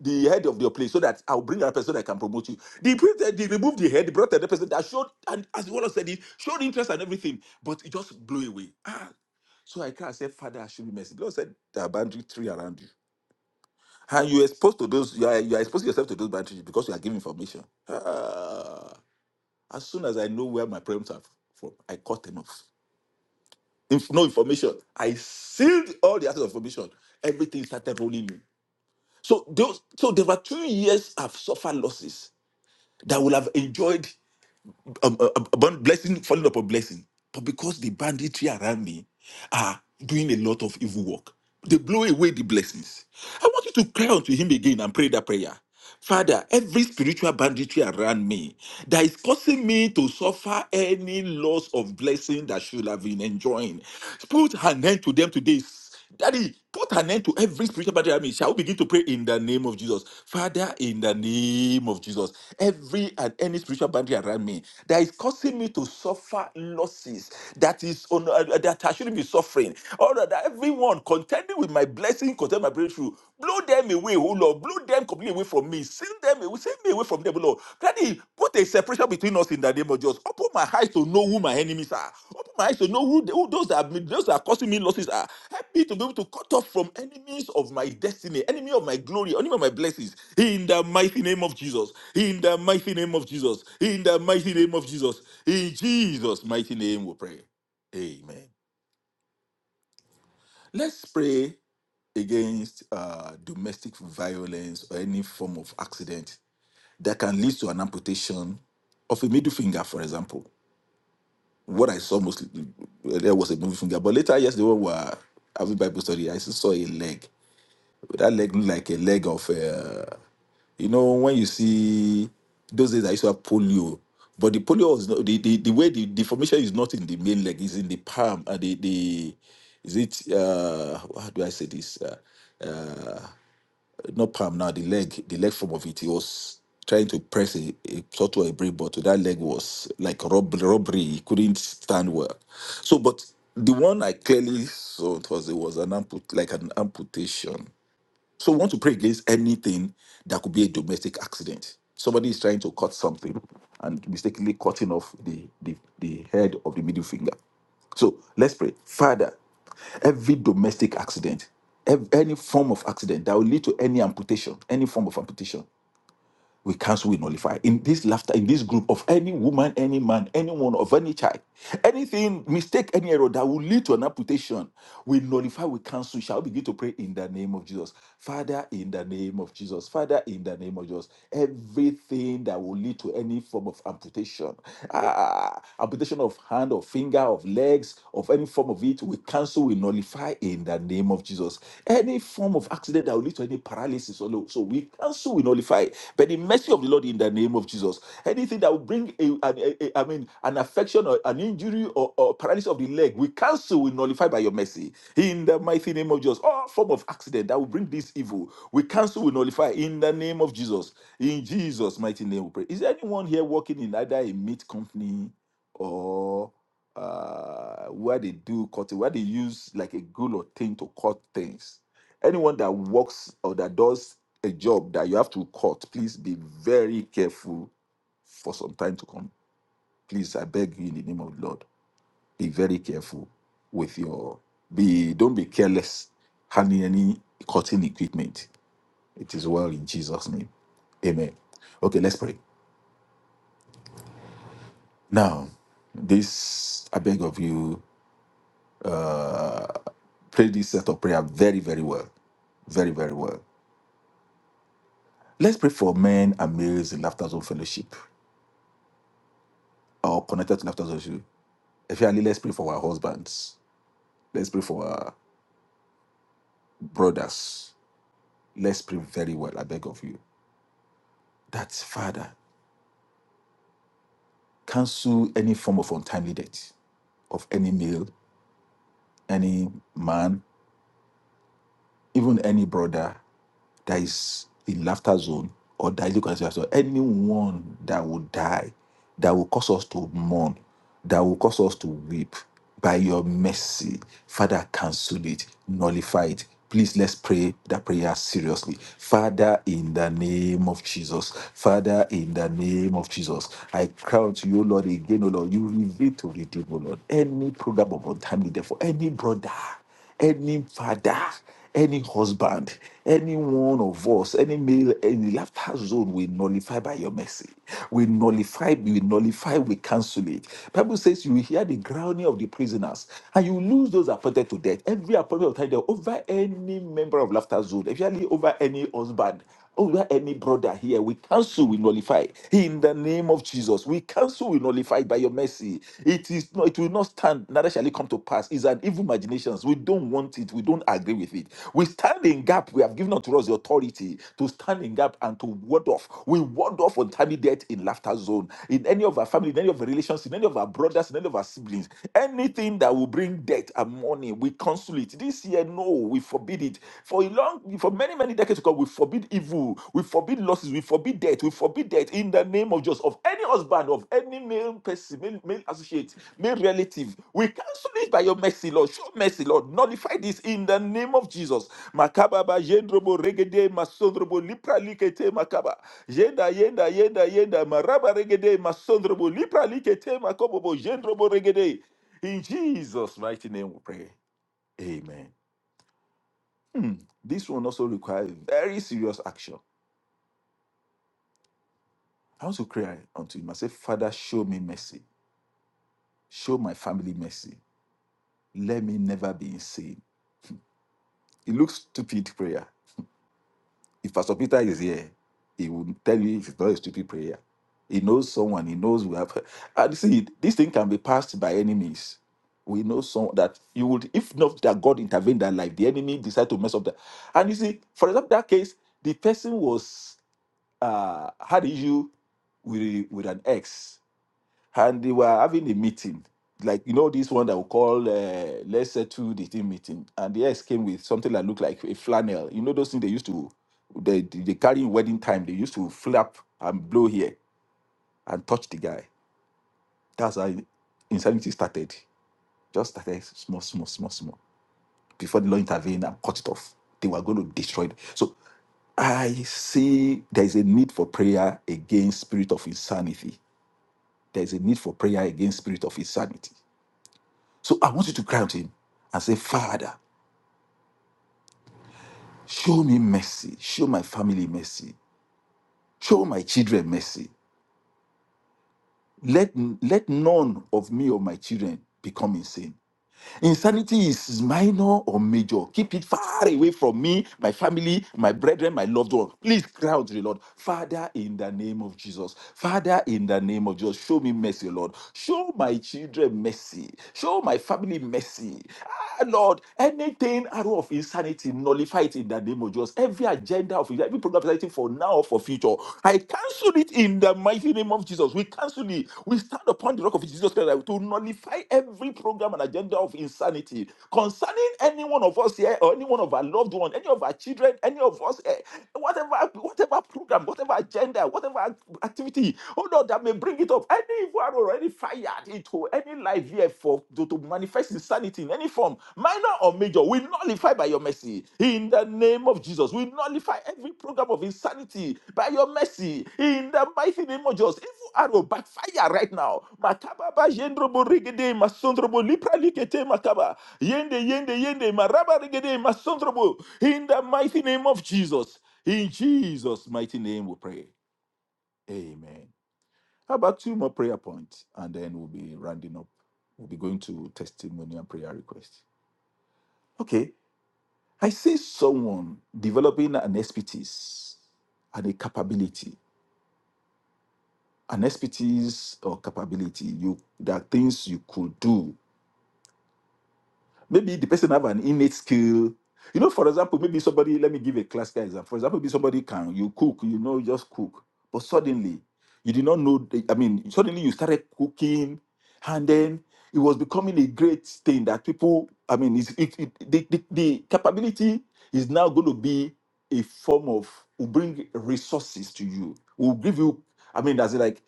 the head of your place, so that I'll bring another person that can promote you. The president, they removed the head, brought another person that showed, and as the Lord said, it showed interest and everything, but it just blew away. Ah, so I cried, I said, Father, I should be mercy. The Lord said, there are boundary three around you. And you exposed to those, you are, you are exposing yourself to those boundaries because you are giving information. Ah. As soon as I know where my parents are from, I cut them off. If no information, I sealed all the other information. Everything started rolling in. So those, so there were two years I've suffered losses that I would have enjoyed um, uh, abund- blessing falling upon blessing. But because the banditry around me are doing a lot of evil work, they blow away the blessings. I want you to cry unto him again and pray that prayer. Father, every spiritual banditry around me that is causing me to suffer any loss of blessing that should have been enjoying, put an end to them today Daddy, put an end to every spiritual battle. I mean, shall we begin to pray in the name of Jesus? Father, in the name of Jesus, every and any spiritual boundary around me that is causing me to suffer losses, that is on, uh, uh, that I shouldn't be suffering, or that everyone contending with my blessing, contending with my breakthrough, blow them away, oh Lord, blow them completely away from me, seal them away, Take me away from them, Lord. Daddy, put a separation between us in the name of Jesus. Open my eyes to know who my enemies are. Open my eyes to know who, who those that are, those that are causing me losses are. Help me to be able to cut off from enemies of my destiny, enemy of my glory, enemy of my blessings. In the mighty name of Jesus. In the mighty name of Jesus. In the mighty name of Jesus. In Jesus' mighty name we pray. Amen. Let's pray against uh, domestic violence or any form of accident that can lead to an amputation of a middle finger, for example. What I saw mostly uh, there was a middle finger, but later yes, when were having Bible study, I still saw a leg. That leg looked like a leg of, uh, you know, when you see those days I used to have polio, but the polio was not the, the, the way the deformation is not in the main leg, it's in the palm and the the is it uh how do I say this? Uh, uh, not palm now, the leg, the leg form of it, he was trying to press a, a sort of a brick, but that leg was like rob- robbery. He couldn't stand well. So, but the one I clearly saw it was it was an amput like an amputation. So we want to pray against anything that could be a domestic accident. Somebody is trying to cut something and mistakenly cutting off the, the, the head of the middle finger. So let's pray. Father, every domestic accident, ev- any form of accident that will lead to any amputation, any form of amputation, we cancel, we nullify. In this laughter, in this group of any woman, any man, anyone of any child, anything, mistake, any error that will lead to an amputation, we nullify, we cancel. Shall we begin to pray in the name of Jesus? Father, in the name of Jesus. Father, in the name of Jesus. Everything that will lead to any form of amputation, ah, amputation of hand, of finger, of legs, of any form of it, we cancel, we nullify in the name the name of Jesus. Any form of accident that will lead to any paralysis or no, so we cancel, we nullify. by the mercy of the Lord in the name of Jesus. Anything that will bring a, an, a- a- I mean, an affection or an injury or, or paralysis of the leg, we cancel, we nullify by your mercy. In the mighty name of Jesus. All form of accident that will bring this evil, we cancel, we nullify in the name of Jesus. In Jesus' mighty name we pray. Is there anyone here working in either a meat company? or? uh, where they do cutting, where they use like a glue or thing to cut things. Anyone that works or that does a job that you have to cut, please be very careful for some time to come. Please, I beg you in the name of the Lord, be very careful with your be. Don't be careless handling any cutting equipment. It is well in Jesus' name. Amen. Okay, let's pray. Now, this I beg of you. Uh, Pray this set of prayer very, very well. Very, very well. Let's pray for men and males in Laughter Zone Fellowship or connected to Laughter Zone. Fellowship. Especially, let's pray for our husbands. Let's pray for our brothers. Let's pray very well, I beg of you. That's Father, cancel any form of untimely death of any male, any man, even any brother that is in laughter zone or daily concern so anyone that will die that will cause us to mourn that will cause us to weep by your mercy father cancel it nullify it please let's pray that prayer seriously father in the name of jesus father in the name of jesus i crown to you lord again o lord you reveal to redeem o lord any program of untimely death for any brother any father, any husband, any one of us, any male in the laughter zone, we nullify by your mercy. We nullify, we nullify, we cancel it. Bible says you will hear the groaning of the prisoners, and you lose those appointed to death. Every appointment of time over any member of laughter zone, especially over any husband. Oh, we have any brother here, we cancel, we nullify. In the name of Jesus, we cancel, we nullify by your mercy. It is not, it will not stand, neither shall it come to pass. It's an evil imaginations. We don't want it, we don't agree with it. We stand in gap. We have given unto us the authority to stand in gap and to ward off. We ward off untimely death in laughter zone, in any of our family, in any of our relations, in any of our brothers, in any of our siblings. Anything that will bring death and money, we cancel it. This year, no, we forbid it. For a long, for many, many decades to come, we forbid evil, we forbid losses, we forbid death, we forbid death in the name of just of any husband, of any male person, male, male associate, male relative. We cancel it by your mercy, Lord. Show mercy, Lord. Nullify this in the name of Jesus. Makababa, Jendrobo, Regede, Masondrobo, Lipra Likete, Makaba. Yenda, Yenda, Yenda, Yenda, Maraba Regede, Masondrobo, Lipra Likete, Makobobo, Jendrobo Regede. In Jesus' mighty name we pray. Amen. Hmm, this one also requires very serious action. I want to cry unto him. and say, Father, show me mercy. Show my family mercy. Let me never be insane. It looks stupid prayer. If Pastor Peter is here, he will tell you if it's not a stupid prayer. He knows someone. He knows we have. And see, this thing can be passed by enemies. We know some that you would, if not that God intervened in that life, the enemy decided to mess up that. And you see, for example, that case, the person was uh, had issue with with an ex, and they were having a meeting, like you know this one that we call uh, let's settle the team meeting, and the ex came with something that looked like a flannel. You know those things they used to they they they carry in wedding time. They used to flap and blow here and touch the guy. That's how insanity started. Just started small, small, small, small. Before the law intervened and cut it off, they were going to destroy it. So I see there is a need for prayer against spirit of insanity there is a need for prayer against spirit of insanity. So I want you to cry out to him and say, Father, show me mercy, show my family mercy, show my children mercy. Let, let none of me or my children become insane. Insanity is minor or major. Keep it far away from me, my family, my brethren, my loved one. Please cry out to the Lord. Father, in the name of Jesus. Father, in the name of Jesus, show me mercy, Lord. Show my children mercy. Show my family mercy. Ah, Lord, anything arrow of insanity, nullify it in the name of Jesus. Every agenda of every program presenting for now for future. I cancel it in the mighty name of Jesus. We cancel it. We stand upon the rock of Jesus Christ like, to nullify every program and agenda of insanity concerning any one of us here or any one of our loved one, any of our children, any of us, eh, whatever, whatever program, whatever agenda, whatever activity, oh Lord, that may bring bring it up. Any evil arrow already fired into any life here for to, to manifest insanity in any form, minor or major, we nullify by your mercy. In the name of Jesus, we nullify every program of insanity by your mercy. In the mighty name of Jesus, evil arrow backfire right now. Makababa jendrobo regede masondrobo lipra likete makaba yende yende yende maraba regede masondrobo. In the mighty name of Jesus, in Jesus' mighty name, we pray. Amen. How about two more prayer points? And then we'll be rounding up. We'll be going to testimony and prayer requests. Okay. I see someone developing an expertise and a capability. An expertise or capability. You there are things you could do Maybe the person have an innate skill. You know, for example, maybe somebody, let me give a classical example. For example, maybe somebody can, you cook, you know, you just cook. But suddenly, you did not know, the- I mean, suddenly you started cooking and then it was becoming a great thing that people, I mean, it's, it, it, the, the, the capability is now going to be a form of, will bring resources to you, will give you, I mean, that's like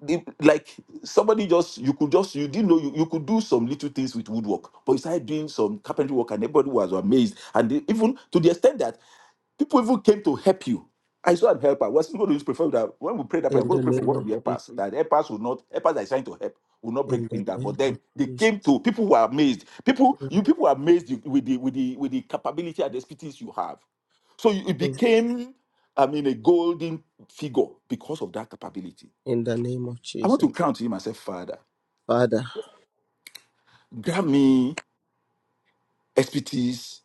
the, like somebody just you could just you didn't know you, you could do some little things with woodwork but you started doing some carpentry work and everybody was amazed and they, even to the extent that people even came to help you I saw an helper. We're still going to use prefer that when we pray that In prayer, the we're going to pray for one of the helpers. That helpers will not helpers that is trying to help will not break things down. name But then they of came to people who are amazed. People, you people were amazed with the with the with the capability and the expertise you have. So you, it Jesus. became, I mean, a golden figure because of that capability. I want to crown to him and say, Father, Father, grant me expertise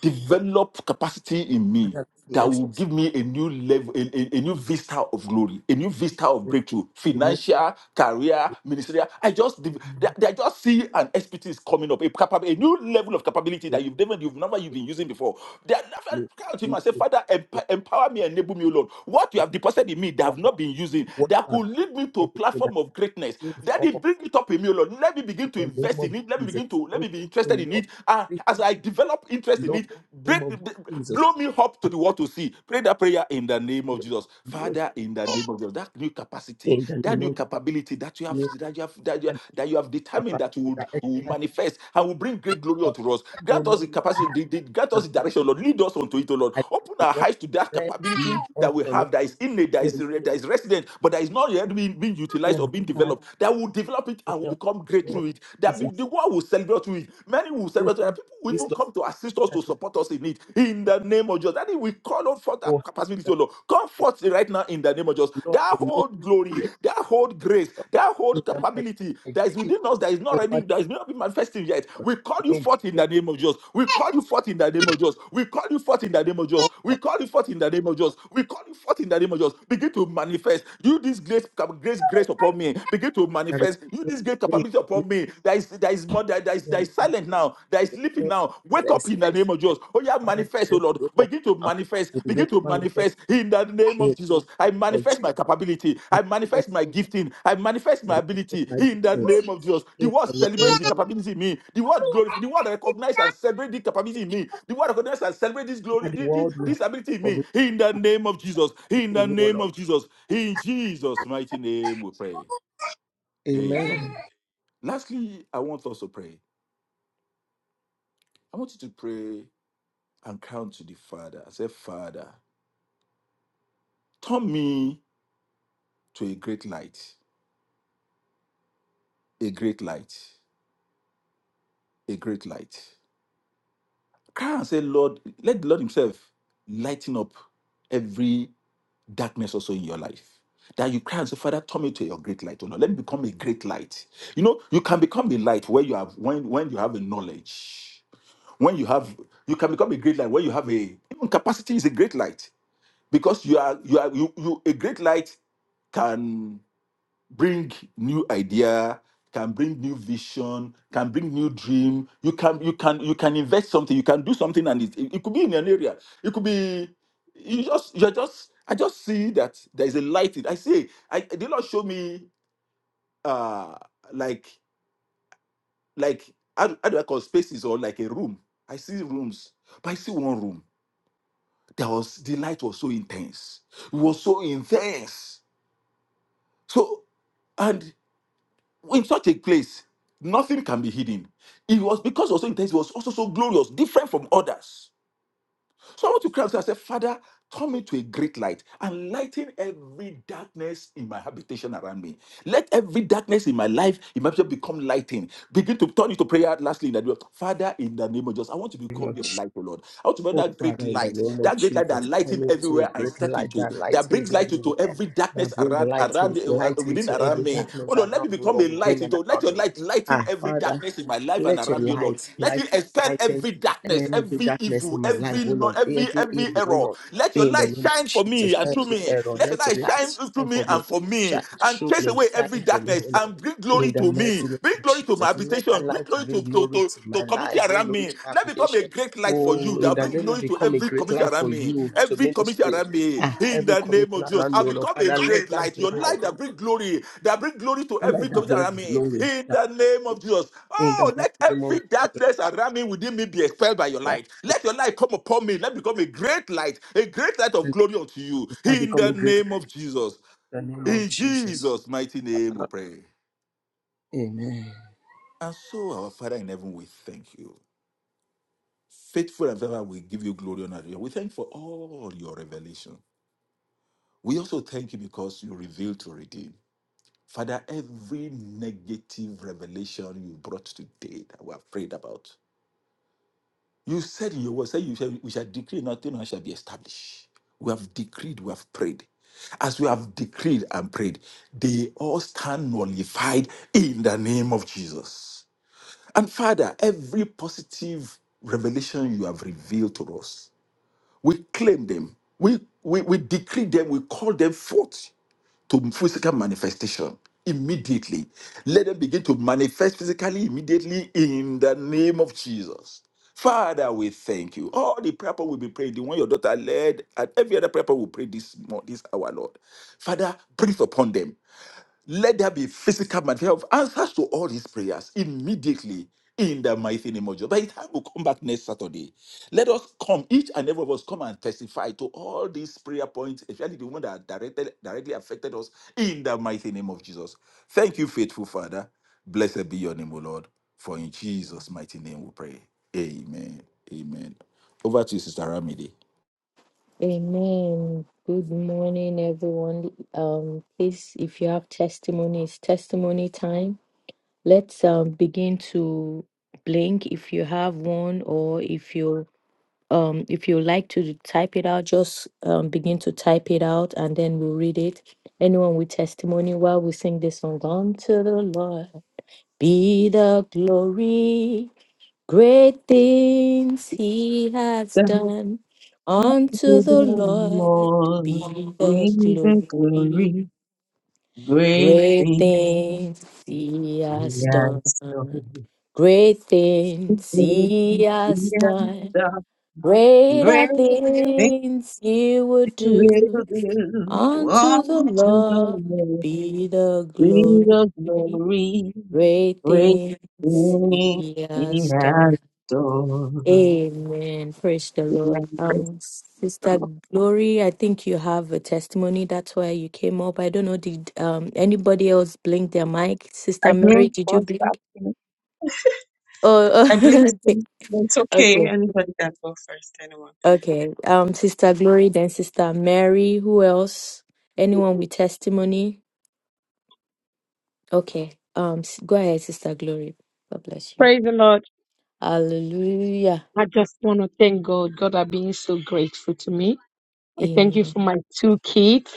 develop capacity in me Father, we that expect will give me a new level, a, a- a new vista of glory, a new vista of you breakthrough, to lead financial, career, ministerial. I just, de- they- I just see an expertise coming up, a, capa- a new level of capability that you've never, you've never, you've been using before. They are never cry out to him and say, people Father, that emp- empower me, enable me, O Lord. What you the have deposited in me that power I've and not been using, what that you have could lead me to a said to me that platform of greatness. lift Daddy, up of bring it up in me, O Lord. Let me me begin to in the name invest of in it. Let me Jesus. begin to, let Wait, me be oh interested in Lord, it I, wait, as I develop interest in Lord, it, in the name break, of b- Jesus. blow me up I to the world to see. Pray that prayer in the name of pray Jesus, to you Father. In the name of Jesus, that new capacity, In the that name new of capability that you have, Jesus, that you have, that you have, and that you have the determined that you capacity would that you will expert manifest and will bring great glory of unto us. all Grant us Lord, the capacity, I the, the- grant have, us the direction, Lord. Lead us unto it, O Lord. I need Open to our walk eyes to that in prayer, being capability that we functional have, that is innate, that in is re- function, that is resident, but that is not yet being, being oh utilized or Lord, oh being God, developed. That will develop it in and will become the great name of through it. That be, Jesus. the world Everyone will celebrate with. Many will celebrate with, Wisdom, and people will even wisdom, come to assist us that to is support us in it. In the name of Jesus. That is, we call on for that for. capacity, us. O Lord. Come forth right now in the name of Jesus. Lord, That the name whole glory, great that whole grace, that whole in the mighty capability name that is of Jesus. within us that is Oh, not ready, Father that is not been manifesting yet. God, We call you may forth in great the name of Jesus. We call you forth in the name of Jesus. We call you forth in the name of Jesus. We call you forth in the name of Jesus. We call you forth in the name of Jesus. Begin to manifest. You this grace, grace, grace upon me. Begin to grace, manifest. You this grace great capability grace, great upon me. There is there is more there, there is in the there is name silent now. There is sleeping of now. Wake up Jesus. in the name of Except that, Jesus. Oh yeah, Father, manifest, they oh begin to Lord. wake up Begin to now. manifest. They begin Begin to to manifest manifest in the name the name of Jesus. I of Jesus. manifest my capability. and I manifest my gifting. I manifest my Manifest ability my manifest in my the greatness. name of Jesus. The Amen. word celebrate the capability in me. The word glorify. The word recognize and celebrate the capability in me. The word recognize and celebrate this glory, That thi- the thi- world will this ability in me. In the name of Jesus. In the recognize you, O name Lord. of Jesus. In Jesus' mighty name we pray. Amen. Amen. Lastly, I want us to pray. I want you to pray and count to the Father. I say, Father, turn me to a great light, a great light, a great light. Cry and say, Lord, let the Lord Himself lighten up every darkness also in your life. That you cry and say, Father, turn me to your great light. Oh Lord, let me become a great light. You know, you can become a light where you have when when you have a knowledge when you have you can become a great light when you have a even capacity is a great light because you are you are you, you a great light can bring new idea can bring new vision can bring new dream you can you can you can invest something you can do something and it, it could be in an area it could be you just you're just i just see that there is a light in, i see i the lord show me uh like like how do, how do i call spaces or like a room i see rooms but i see one room there was the light was so intense it was so intense So, and in such a place, nothing can be hidden. It was because it was so intense, it was also so glorious, different from others. So I want to cry out and say, Father, turn me to a great light and lighten every darkness in my habitation around me. Let every darkness in my life, in my future, become lighting. Begin to turn into prayer lastly in that way. Father, in the name of Jesus, I want to become your light, O Lord. I want to be Oh, that great Father, in the light, name of that great light that Jesus, come lighting into a everywhere I great step light into, that light that is brings light into everywhere, every that darkness bring around, light, around, in, uh, uh, light within, into around around every me. Oh darkness Lord, let me around, oh become a Lord, light. within and let around your me. light lighten Ah, every Father, darkness in my life and let your around me, oh Lord. light, Let it like expel lighten every darkness, every every darkness evil, in my life, every oh no, Lord, every every every evil, oh error. Lord, Let your in the light name of shine for Jesus, me and through every me. error, Let your let light your light shine through shine me for me, and for me, shine and through chase me, away every shine for me, darkness oh Lord. and bring glory In the to me. mighty name Bring of glory to my Jesus, let that habitation. Bring light glory to bring to glory to, to my to community life, bring around glory me. to my Let me become a a application great light for Oh, you in that the bring name it glory to become a every great commission life around for me, you to every commission ministry. around me. In Every the name commission of Jesus, around I me, oh Lord become a Father, let great that light. Your bring light. light that bring glory, that bring glory to Not let every that commission bring around me. glory. In That the name of Jesus, In the oh, let mighty name of every darkness around me within me be expelled by your life, light. Let your light come upon me. Let me become a great light, a great light of glory unto you. I In become a the great in name of Jesus, the name of in Jesus. Jesus' mighty name, we pray. Amen. And so, our Father in heaven, we thank you. Faithful and ever we give you glory and honor. We thank for all your revelation. We also thank you because you revealed to redeem. Father, every negative revelation you brought today that we have prayed about, you said in your word, say you shall, we shall decree nothing and it shall be established. We have decreed, we have prayed. As we have decreed and prayed, they all stand nullified in the name of Jesus. And Father, every positive revelation you have revealed to us, We claim them. We, we, we decree them. We call them forth to physical manifestation immediately. Let them begin to manifest physically immediately in the name of Jesus. Father, we thank you. All the prayer point will be prayed, the one your daughter led, and every other prayer point will pray this, mo- this hour, Lord. Father, breathe upon them. Let there be physical manifestation of answers to all his prayers immediately in the mighty name of Jesus. By the time we come back next Saturday, let us come, each and every of us, come and testify to all these prayer points, especially the one that are directed, directly affected us in the mighty name of Jesus. Thank you, faithful Father. Blessed be your name, O Lord. For in Jesus' mighty name we pray. Amen. Amen. Over to you, Sister Ramide. Amen. Good morning, everyone. Um, please, if you have testimony, it's testimony time. Let's um begin to blink if you have one, or if you um if you like to type it out, just um begin to type it out, and then we'll read it. Anyone with testimony, while we sing this song, unto the Lord be the glory. Great things he has done. Unto you, the the Lord be Lord, the be the glory, glory. great. Great things he has done. Yes, Great things The he has done. Greater great things things he will you will do. do, all Unto to the the King Lord of be the glory. glory, Great great things things he He has done. has done. Amen. Praise the Amen. Lord. Praise Um, the Sister Lord. Glory, I think you have a testimony. That's why you came up. I don't know. Did um anybody else blink their mic? I Sister bring Mary, did you first blink? after. Oh, I believe oh, so. But It's okay. okay, Anybody can go first. Anyone. okay. Um, Sister Glory, then Sister Mary. Who else? Anyone with testimony? Okay. Um, s- go ahead, Sister Glory. God bless you. Praise the Lord. Hallelujah. I just want to thank God. God are being so grateful to me. I thank you for Amen. my two kids.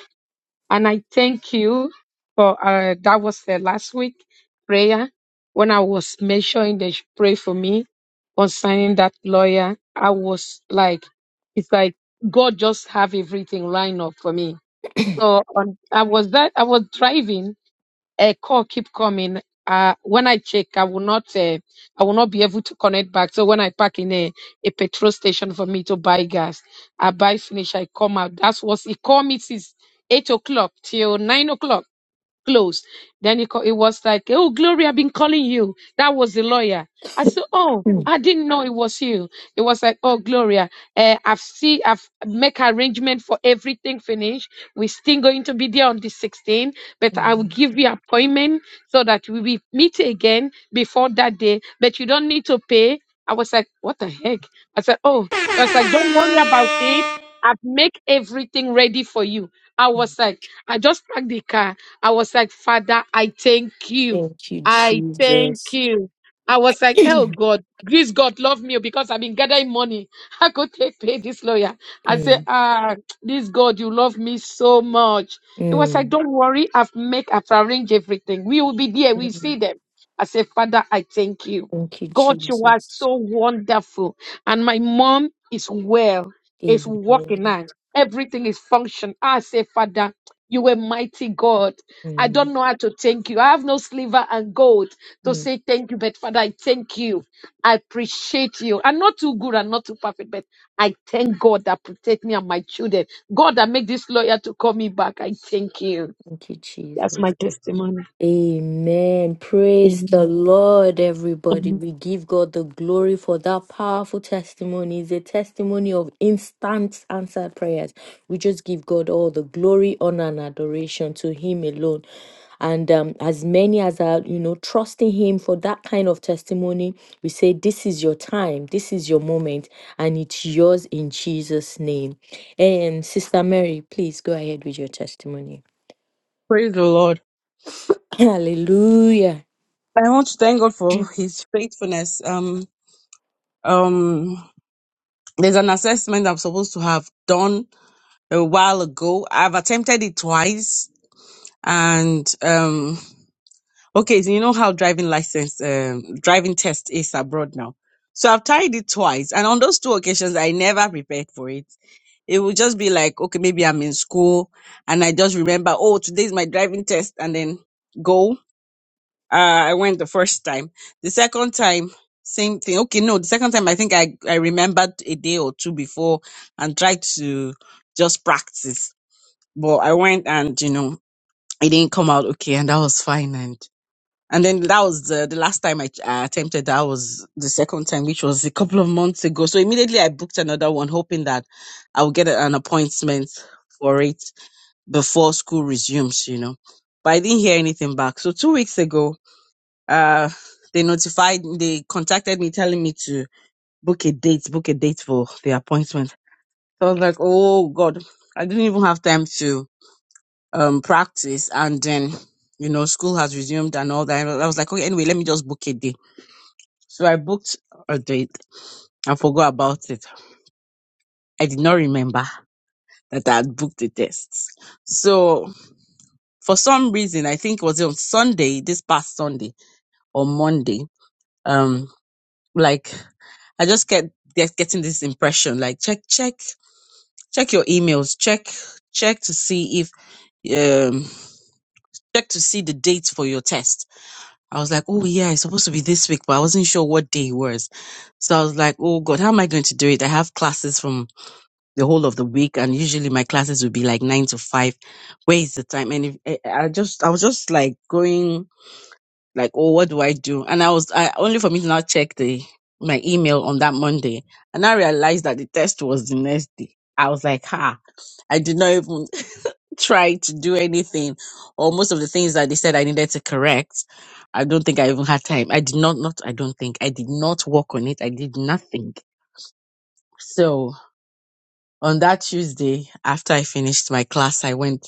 And I thank you for uh, that was the last week prayer when I was mentioning that you pray for me concerning that lawyer. I was like, it's like God just have everything lined up for me. So on, I was that I was driving a call keep coming. Uh, when I check, I will not, uh, I will not be able to connect back. So when I park in a, a petrol station for me to buy gas, I buy finish, I come out. That's what it called me since eight o'clock till nine o'clock closed. Then he, ca- he was like, Oh, Glory, I've been calling you. That was the lawyer. I said, Oh, Mm. I didn't know it was you. It was like, oh Gloria, uh, I've see, I've make arrangement for everything finished. We're still going to be there on the 16th, but I will give you appointment so that we will meet again before that day. But you don't need to pay. I was like, what the heck? I said, oh, I was like, don't worry about it. Amen. I've make everything ready for you. I was like, I just packed the car. I was like, Father, I thank you. Thank you, I thank Jesus. you. I was like, oh God, please God love me oh, because I've been gathering money. I could take pay this lawyer. I say, Mm, ah, this God, you love me so much. It was like, mm, don't worry, I've make, I've arranged everything. We will be there. We see mm. them. I say, Father, I thank you. Thank you, God, you are Jesus. so wonderful. And my mom is well, is working Amen. now. Everything is function. I say, Father, you are mighty God. I don't Mm, know how to thank you. I have no silver and gold to mm. say thank you, but Father, I thank you. I appreciate you. I'm not too good and not too perfect, but I thank God that protect me and my children. God that make this lawyer to call me back. I thank you. Thank you, That's my Jesus. testimony. Amen. Praise the Amen. Lord, everybody. Amen. We give God the glory for that powerful testimony. It's a testimony of instant answered prayers. We just give God all the glory, honor, and adoration to Him alone. And um, as many as are, you know, trusting Him for that kind of testimony, we say, This is your time, this is your moment, and it's yours in Jesus' name. And Sister Mary, please go ahead with your testimony. Praise the Lord. Hallelujah. I want to thank God for His faithfulness. Um, um, there's an assessment I'm supposed to have done a while ago. I've attempted it twice and um okay, so you know how driving license um driving test is abroad now. So I've tried it twice and on those two occasions I never prepared for it. It would just be like, okay, maybe I'm in school and I just remember, oh, today's my driving test and then go. Uh, I went the first time. The second time, same thing. Okay, no, the second time I think I, I remembered a day or two before and tried to just practice but I went and, you know, it didn't come out okay and that was fine. And, and then that was the, the last time I, I attempted that was the second time, which was a couple of months ago. So immediately I booked another one, hoping that I would get an appointment for it before school resumes, you know. But I didn't hear anything back. So two weeks ago, uh, they notified, they contacted me telling me to book a date, book a date for the appointment. So I was like, oh God, I didn't even have time to um practice and then you know school has resumed and all that and i was like okay anyway let me just book a day so i booked a date and forgot about it i did not remember that i had booked the tests so for some reason i think it was on sunday this past sunday or monday um like i just kept get, getting this impression like check check check your emails check check to see if um check to see the dates for your test I was like, oh yeah, it's supposed to be this week, but I wasn't sure what day it was. So I was like, oh God, how am I going to do it? I have classes from the whole of the week and usually my classes would be like nine to five. Where is the time? And if, eh, eh, I just, I was just like going like, oh, what do I do? And I was, I only for me to not check the, my email on that Monday. And I realized that the test was the next day. I was like, ha, I did not even try to do anything or most of the things that they said I needed to correct. I don't think I even had time. I did not, not, I don't think I did not work on it. I did nothing. So on that Tuesday, after I finished my class, I went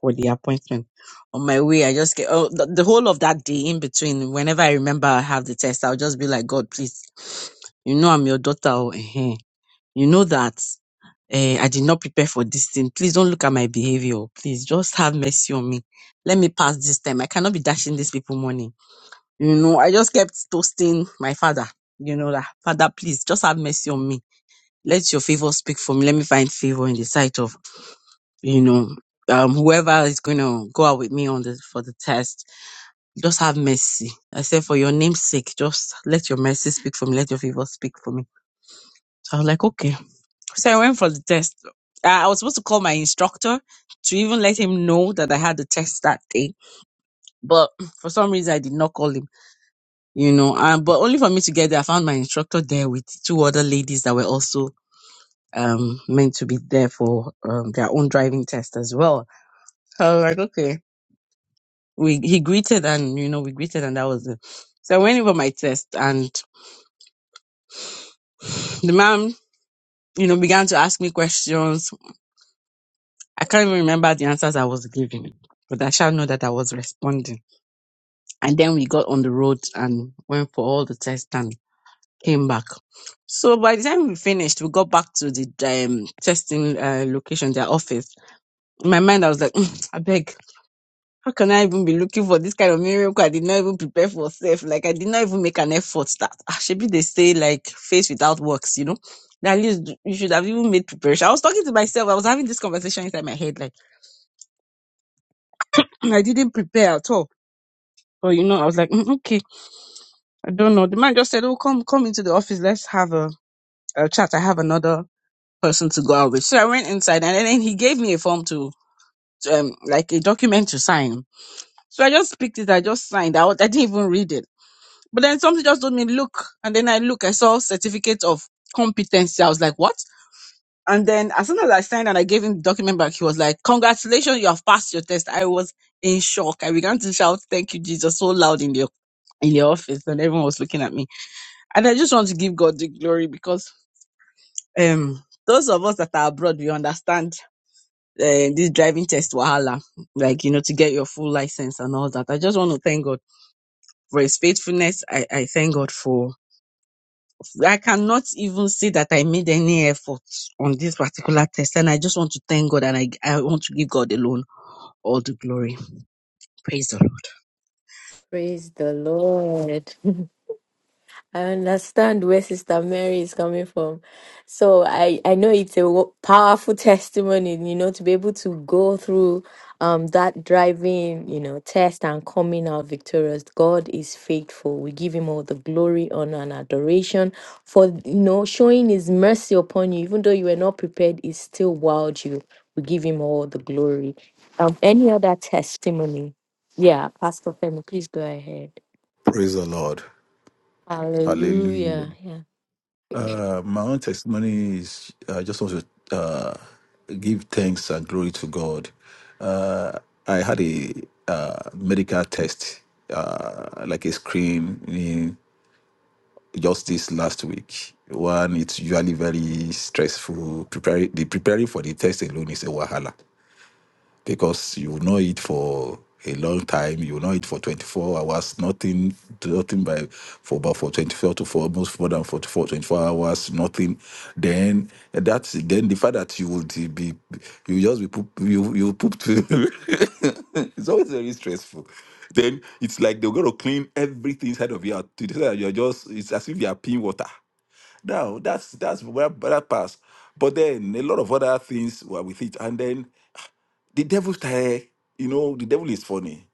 for the appointment. On my way, I just get, oh, the, the whole of that day in between, whenever I remember I have the test, I'll just be like, God, please, you know, I'm your daughter. Oh, eh, eh." you know that eh, I did not prepare for this thing. Please don't look at my behavior. Please just have mercy on me. Let me pass this time. I cannot be dashing these people money. You know, I just kept toasting my father. You know that father, please just have mercy on me. Let your favor speak for me. Let me find favor in the sight of you know um, whoever is going to go out with me on the for the test. Just have mercy. I said for your name's sake, just let your mercy speak for me. Let your favor speak for me. So I was like, okay So I went for the test. Uh, I was supposed to call my instructor to even let him know that I had the test that day, but for some reason I did not call him. You know, um, but only for me to get there, I found my instructor there with two other ladies that were also um meant to be there for um, their own driving test as well. So I was like, okay, we he greeted and you know we greeted and that was it. So I went in for my test and the man you know began to ask me questions. I can't even remember the answers I was giving, but I shall know that I was responding and then we got on the road and went for all the tests and came back. So by the time we finished, we got back to the um, testing uh, location, their office. In my mind, I was like, "Mm, I beg, how can I even be looking for this kind of miracle? I did not even prepare for self. Like I did not even make an effort. That ah, be they say like faith without works, you know. That At least you should have even made preparation. I was talking to myself. I was having this conversation inside my head. Like I didn't prepare at all. But you know, I was like, "Mm, okay, I don't know. The man just said, "Oh, come, come into the office. Let's have a uh, chat, I have another person to go out with. So I went inside and then he gave me a form to, um, like a document to sign. So I just picked it. I just signed out. I didn't even read it. But then something just told me, look. And then I look, I saw certificate of competency. I was like, what? And then as soon as I signed and I gave him the document back, he was like, congratulations, you have passed your test. I was in shock. I began to shout, thank you, Jesus, so loud in the in the office and everyone was looking at me. And I just want to give God the glory because um those of us that are abroad we understand uh, this driving test wahala like you know to get your full license and all that i just want to thank god for his faithfulness i i thank god for i cannot even say that i made any effort on this particular test and i just want to thank god and i i want to give god alone all the glory praise the lord Praise the Lord. I understand where Sister Mary is coming from. So I, I know it's a wo- powerful testimony, you know, to be able to go through um that driving, you know, test and coming out victorious. God is faithful. We give him all the glory, honor, and adoration for you know showing his mercy upon you, even though you were not prepared, it still wowed you. We give him all the glory. Um any other testimony? Yeah, Pastor Femi, please go ahead. Praise the Lord. Hallelujah. Hallelujah. Uh, my own testimony is I just want to uh, give thanks and glory to God. Uh, I had a uh, medical test, uh, like a screening, just this last week. One, it's usually very stressful. Preparing the preparing for the test alone is a wahala because you will not eat for a long time. You will not eat for 24 hours, nothing, nothing by for about for 24 to for almost more than 44, 24 hours, nothing. Then that's then the fact that you would be you just be poop you you poop too. it's always very stressful. Then it's like they're gonna clean everything inside of you to the that you're just it's as if you are peeing water. Now that's that's where that pass. But then a lot of other things were with it. And then the devil started, you know, the devil is funny.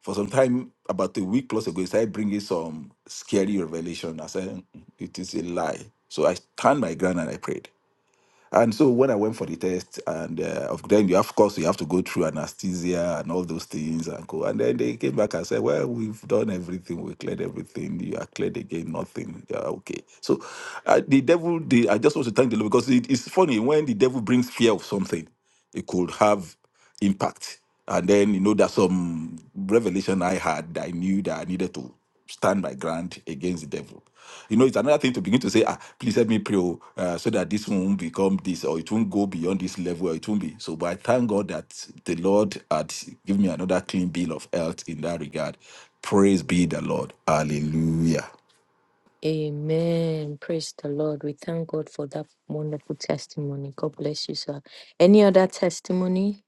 For some time, about a week plus ago, he started bringing some scary revelation. I said, "Mm, it is a lie. So I turned my ground and I prayed. And so when I went for the test, and uh, of then you have, of course you have to go through anesthesia and all those things and go. And then they came back and said, "Well, we've done everything, we cleared everything. You are cleared again, nothing. You are okay." So uh, the devil, the, I just want to thank the Lord because it, it's funny when the devil brings fear of something, it could have impact. And then you know there's some revelation I had. I knew that I needed to stand my ground against the devil. You know, it's another thing to begin to say, ah, please help me pray oh, uh, so that this one won't become this or it won't go beyond this level or it won't be. So, but I thank God that the Lord had given me another clean bill of health in that regard. Praise be the Lord. Hallelujah. Amen. Praise the Lord. We thank God for that wonderful testimony. God bless you, sir. Any other testimony?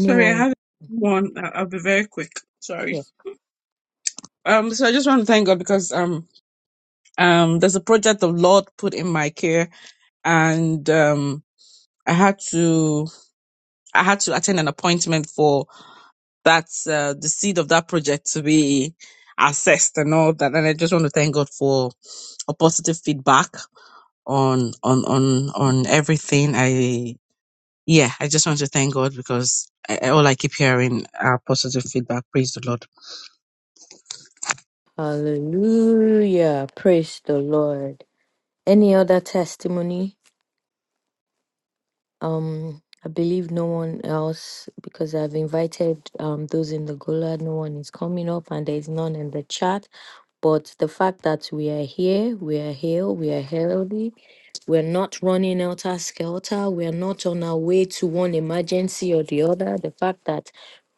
Sorry, I have one. I- I'll be very quick. Sorry. Yes. Um, so I just want to thank God because um um there's a project the Lord put in my care and um I had to I had to attend an appointment for that uh, the seed of that project to be assessed and all that. And I just want to thank God for a positive feedback on on on on everything. I yeah, I just want to thank God because I, all I keep hearing are positive feedback. Praise the Lord. Hallelujah. Praise the Lord. Any other testimony? Um, I believe no one else because I've invited um those in the Gola. No one is coming up, and there is none in the chat. But the fact that we are here, we are healed, we are healthy, we're not running helter skelter, we're not on our way to one emergency or the other. The fact that,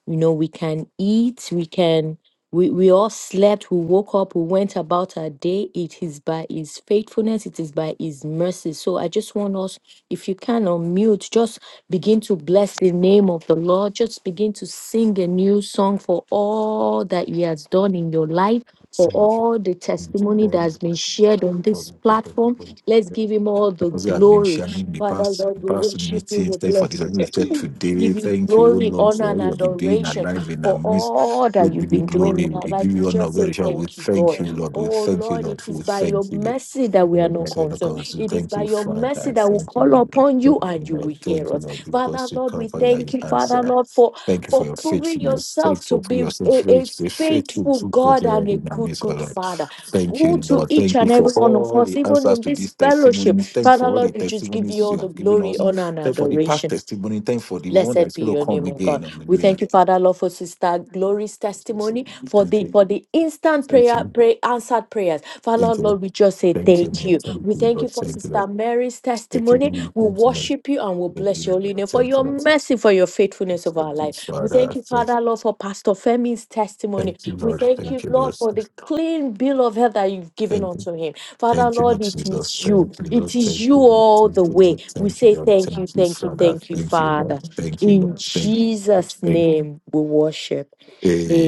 you know, we can eat, we can, we, we all slept, we woke up, we went about our day. It is by His faithfulness, it is by His mercy. So I just want us, if you can unmute, just begin to bless the name of the Lord. Just begin to sing a new song for all that He has done in your life for Thank all the testimony that has been shared on this platform. you. Let's give him all the Because you have been glory. sharing the Father past Lord, in we past worship you, meetings. we Thank you for bless this you. unlimited We today. give you Thank you, O glory, Lord, honor, for and all you have been doing adoration alive in our for midst. all We that you've give you been doing in glory. our We life. give We you honor. just say Very sure. We thank you, thank you, God. Lord. We Oh thank you, Lord, it Lord. is We by your thank you. In mercy that the we are name of not the consumed. Lord, we It is Thank by you, your Father. mercy I that we Thank you, call Lord. upon you Thank you, and you will Lord. hear Thank you, us. Lord. Father Because you Lord, come we by thank your you, Father answer. Lord, for Thank you for for your proving faithfulness. Thank yourself to you for be your a, a faithfulness, faithful faithful to God God and a in the good, midst of good Lord. Father. Thank Go you, to Lord. each Thank you and for every one of all us, the even answers in to these this fellowship. testimonies. Thank you Father, for all the Lord, we just give you testimonies all you the have given glory, us. honor, and Thank you for the past adoration. testimony. Thank you for the one Blessed that's be going to your come name, O again. God. We Hallelujah. thank you, Father, Lord, for Sister Glory's testimony, for Thank the you. for the instant Thank prayer, you. pray answered prayers. Father, Thank you. Lord, we just say Thank you, thank Lord. you. Thank We you, thank you Lord. for Thank you, Sister Lord. Mary's Thank you, testimony. Lord. We Thank you, Lord. worship you and we Thank Lord. Thank bless your holy name for you, your Lord. mercy, for your faithfulness of our Thank you, life. We Father. thank you, Thank, Father, Lord, for Pastor Femi's testimony. thank you, We Lord. thank Thank you, you, Lord, Lord. for the clean bill of health that you've given Thank you, unto him. Father, Thank you, Lord, Lord it Jesus. is you. Thank you, Lord. It is Thank you you, all the way. Lord. We Thank you, say Lord. thank you, Thank you, Lord. Thank you, thank you, Father. thank you, Thank you, Father. Lord. Thank you, In Lord. Thank you, Lord. Jesus' Thank you. name we worship.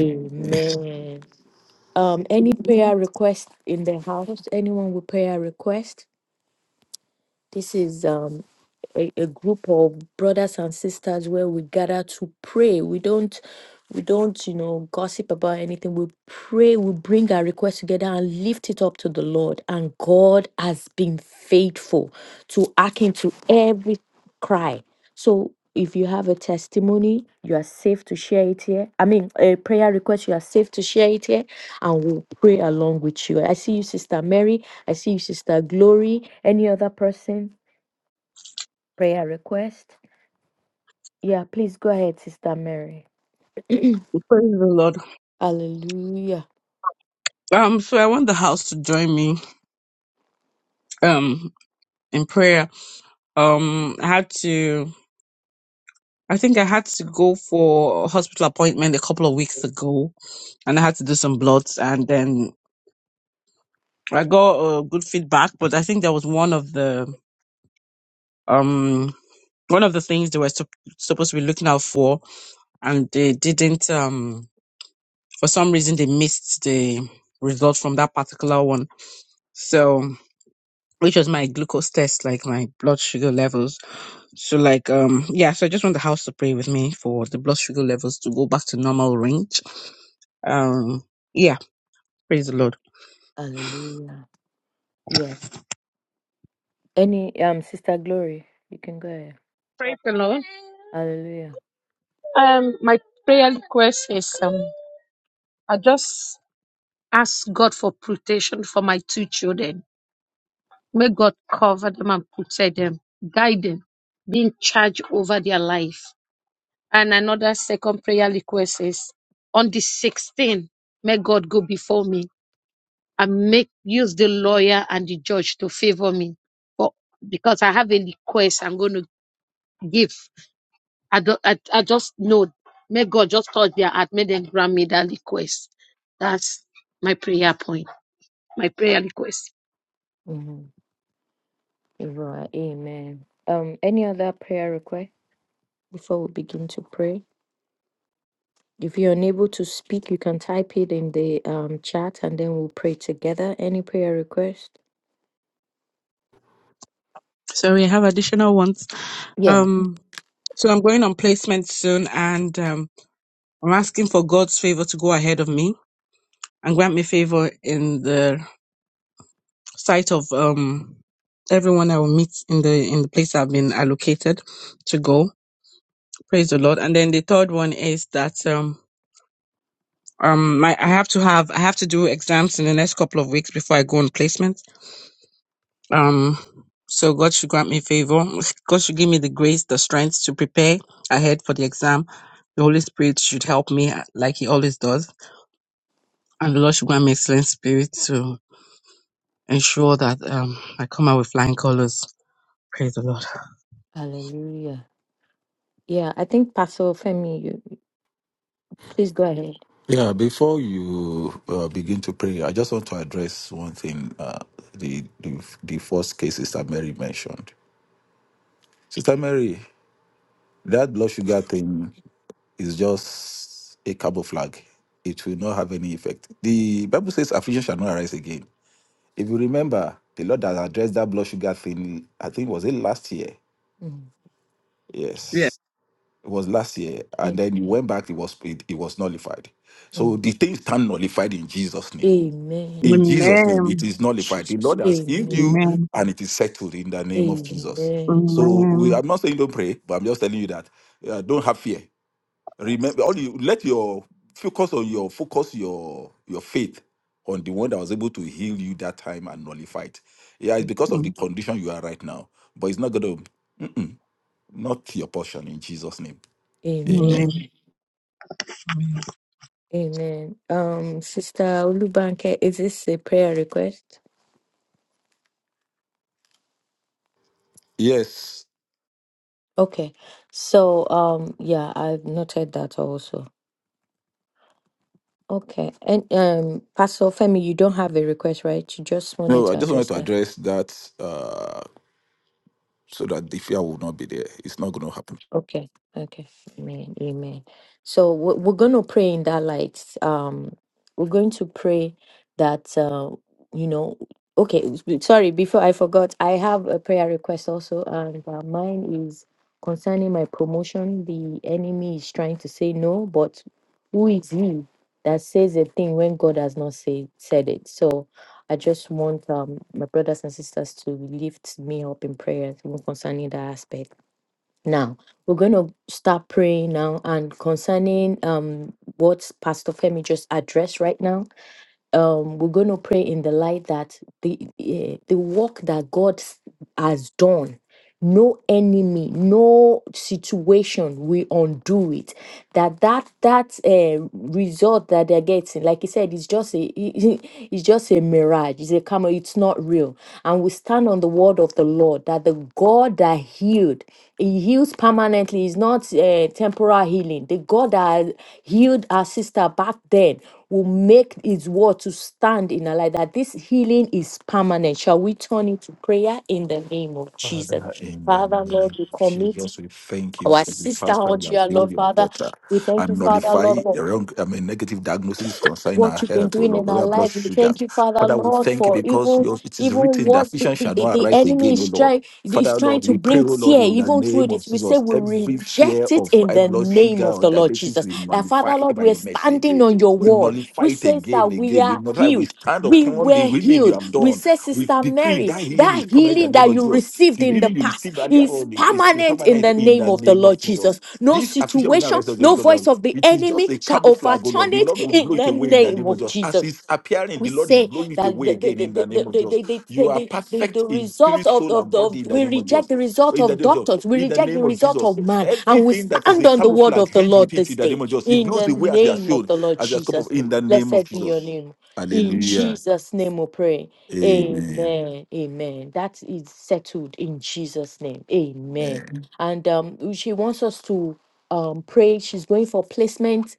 Eh, Um, any prayer request in the house? Anyone with prayer request? This is um a, a group of brothers and sisters where we gather to pray. We don't we don't, you know, gossip about anything. We pray, we bring our request together and lift it up to the Lord. And God has been faithful to hearken to every cry. So if you have a testimony, you are safe to share it here. I mean, a prayer request, you are safe to share it here, and we'll pray along with you. I see you, Sister Mary. I see you, Sister Glory. Any other person? Prayer request? Yeah, please go ahead, Sister Mary. Praise the Lord. Hallelujah. Um, so I want the house to join me um in prayer. Um, I had to. I think I had to go for a hospital appointment a couple of weeks ago, and I had to do some bloods, and then I got uh, good feedback. But I think there was one of the um one of the things they were sup- supposed to be looking out for, and they didn't. Um, for some reason, they missed the result from that particular one. So, which was my glucose test, like my blood sugar levels. So, like, um, yeah. So, I just want the house to pray with me for the blood sugar levels to go back to normal range. Um, yeah. Praise the Lord. Hallelujah. Yeah. Any um Sister Glory, you can go ahead. Praise the Lord. Hallelujah. Um, my prayer request is um, I just ask God for protection for my two children. May God cover them and protect them, guide them, be in charge over their life. And another second prayer request is on the 16th, may God go before me and make use the lawyer and the judge to favor me. For because I have a request I'm going to give. I, don't, I, I just know. May God just touch their heart. May them grant me that request. That's my prayer point, my prayer request. hmm Right. Amen. Um, any other prayer request before we begin to pray? If you're unable to speak, you can type it in the um chat and then we'll pray together. Any prayer request? So we have additional ones. Yeah. Um, so I'm going on placement soon, and um, I'm asking for God's favor to go ahead of me and grant me favor in the sight of um everyone I will meet in the in the place I've been allocated to go. Praise the Lord. And then the third one is that um um my I have to have I have to do exams in the next couple of weeks before I go on placement. Um so God should grant me favor. God should give me the grace, the strength to prepare ahead for the exam. The Holy Spirit should help me uh, like he always does. And the Lord should grant me excellent spirit to ensure that um I come out with flying colors Praise the Lord. Hallelujah. Yeah, I think Pastor Femi, you you- please go ahead. yeah, before you uh, begin to pray, I just want to address one thing. Uh, the, the the first case Sister Mary mentioned. Sister Mary, that blood sugar thing is just a cabo flag. It will not have any effect. The Bible says affliction shall not arise again. If you remember, the Lord has addressed that blood sugar thing, I think was it last year? Mm. Yeah. Yes. It was last year. Yeah. And then you went back, it was it, it was nullified. So Mm. the thing stand nullified in Jesus' name. Amen. In Jesus' name, it Amen. is nullified. The Jesus. Lord has healed Amen. you Amen. and it is settled in the name of Jesus. Amen. So we Amen. I'm not saying don't pray, but I'm just telling you that uh, don't have fear Remember, all you let your focus on your focus your your faith on the one that was able to heal you that time and nullify it. Yeah, it's because Hmm. of the condition you are right now, but it's not going to not your portion in Jesus' name. Amen. Amen. Amen. Amen. Um, Sister Olubanke, is this a prayer request? Yes. Okay. So, um, yeah, I've noted that also. Okay. And um, Pastor Femi, you don't have a request, right? You just wanted No, I to just wanted address to that. address that uh, so that the fear will not be there. It's not going to happen. Okay, okay, amen, amen. So we're, we're going to pray in that light. Um, we're going to pray that uh, you know. Okay, s- b- sorry. Before I forgot, I have a prayer request also, and uh, mine is concerning my promotion. The enemy is trying to say no, but who is he that says a thing when God has not said said it? So I just want um, my brothers and sisters to lift me up in prayer concerning that aspect. Now, we're going to start praying now and concerning um what Pastor Femi just addressed right now um, we're going to pray in the light that the eh, the work that God s- has done, no enemy, no situation will undo it. That that that uh, result that they're getting, like he said, it's just a it- it- it's just a mirage. It's a camera. It's not real. And we stand on the word of the Lord that the God that healed, He heals permanently. It's not uh, temporal healing. The God that healed our sister back then will make his word to stand in our life, that this healing is permanent. Shall we turn into prayer in the name of Jesus? Father, in the Father, name Lord, we of commit Jesus, we thank you our for the sister pastor you unto you, have healed Lord, your Father. daughter. We I thank you, Father, nullify Lord, for the wrong, I mean, negative diagnosis concerning our what you've been health, oh doing Lord, in God, our our blood lives. We sugar. thank you, Father, Father, we Lord, thank you for because even your, it is even written what that the, vision the, shall the not the arise enemy again, oh is Lord. trying Father, is oh trying Lord, to we pray, bring oh Lord, fear, in the even through name of this. We say Jesus, we every reject fear it of in high the blood name sugar of or the Lord diabetes, Jesus. we That Father, nullify it Lord, by we're your mercy standing again. on your We word, nullify which it says again, that we again. We are nullify, healed we stand we upon the were healing you healed. have We done. say, We Sister decree Mary, that healing is that permanent in healing the name that of you Jesus. received The in the healing you past receive earlier is on it is permanent in permanent the in name the of the name of Lord Jesus. Jesus. No This affliction will not situation, rest on you, no God. voice Lord. of the It is just enemy a shall camouflage, oh Lord. overturn The it Lord will in blow it the away in the name name of of Jesus. As Jesus it's appearing, we the Lord is say blowing it that away the the again the in the the the, name of the, Jesus. the, the, You are the, the perfect the in result spirit, of, soul, of and the of, body in the we name of reject Jesus. the result In the of name of Jesus. doctors we In the reject the name of result of Jesus. man and we Everything that is stand a on the word camouflage of the hangs lord with it this in the day name of Jesus. It in the blows away as they are name of shown, the lord as they are scope of jesus in the name of blessed be your Jesus. name in Hallelujah. jesus name we pray Amen. amen amen that is settled in jesus name Amen. amen and um she wants us to um pray she's going for placement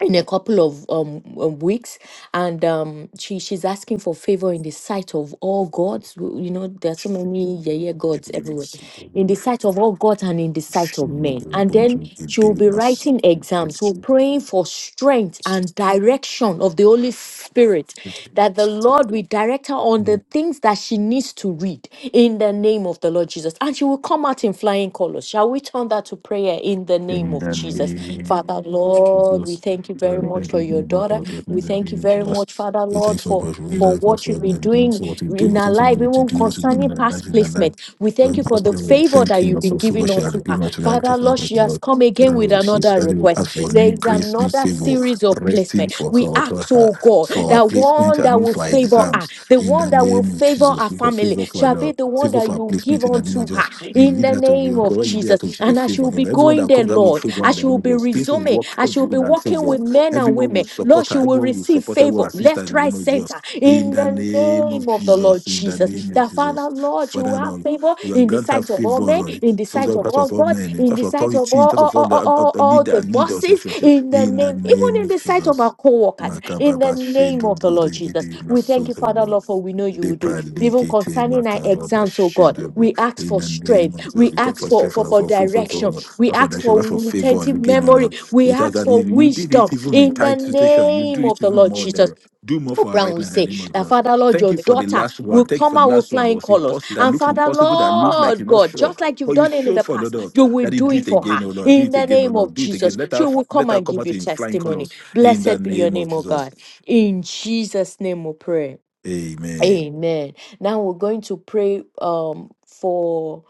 in a couple of um um, weeks and um, she she's asking for favor in the sight of all gods. W- You know, there are so many yeah yeah gods everywhere, in the sight of all gods and in the sight of In men. And then she will be writing exams. We're praying for strength and direction of the Holy Spirit, that the Lord will direct her on the things that she needs to read in the name of the Lord Jesus. And she will come out in flying colors. Shall we turn that to prayer in the name of the Jesus? name Father, of Lord, we Jesus, thank you very Father, much thank for you your daughter. for the We name thank you of very much, Jesus. Father We thank you Lord, for the for. For provision for us, what for you've been everything, doing for what you do, we in our thank you life, for what you even do, what you do in concerning our life, past in our life. placement. We We thank you for must the be able to favor thank that you, you've not been for food, giving but you are unto her. giving us tonight to Father thank Lord, us, she has Lord. come again Father, with we thank you another that you request. ask for There new is grace, new another favor, series of resting placement. for her, We or ask, her. oh God, for our that placement one and that even will for our favor her, exams the in one the that will name of favor her Jesus. We got family, favor for our shall be Lord. the one Favor that for our you give placement in the name of unto her Jesus. You in lead the that to be name of when you lead that Jesus. to receive a And as she favor. will be Lord. Everyone going that there, comes out with Lord, favor in as the she name will of be Jesus. Things will resuming, work as she will be in our walking favor. with men and Everyone women, will Lord, support her. she will Everyone will receive support her. Everyone favor will assist her left, in the right, name of Jesus. center In in the the name name of name of the Lord Jesus. In the Jesus. name of That Father, Jesus. Lord, you Father have Lord, favor you have in the granted her sight of all favor, men, Lord. in the Favor sight in of terms all of all gods, men, in in terms the of sight of authority, in all, terms all, of all all, the all, uh, all uh, leader, the leaders, bosses, etc. in the In the name, even name in of the sight of Jesus. our co workers, in the Makababa name of the Shendubu Lord Jesus. Rigidi We thank you, Father, Masurubu Lord, for we know you will do Lepra it. Even Likete concerning our Makababa exams, oh God, Shendubu we ask in for the name strength, of Jesus. we We pray ask for for, strength for, for for for favor for direction, we for for ask that for you for favor and retentive again, O memory, Lord. we It has ask that you for you did wisdom it even in in the tight situation. You do name of it the even Lord more Jesus. than do more for her Brown right will now in the say name of that Jesus. Father Lord, Thank your you for the daughter last one. will Thank you come for the out with last one that flying was colors. impossible that And looks Father impossible, that looks like Lord you're not God, sure. just like you've But you done it in showed the for the past, Lord you will that He do do it it for her again, oh Lord, do in it the again, oh name Lord, of do it again. Jesus. Let She her will let come her and come give out you in flying testimony. colors. In the Blessed be your name of name, O Jesus. God. In Jesus' name we pray. Amen. Amen. Now we're going to pray um for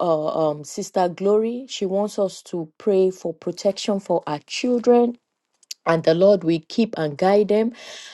uh, um, Sister Glory. She wants us to pray for protection for our children and the lord will keep and guide them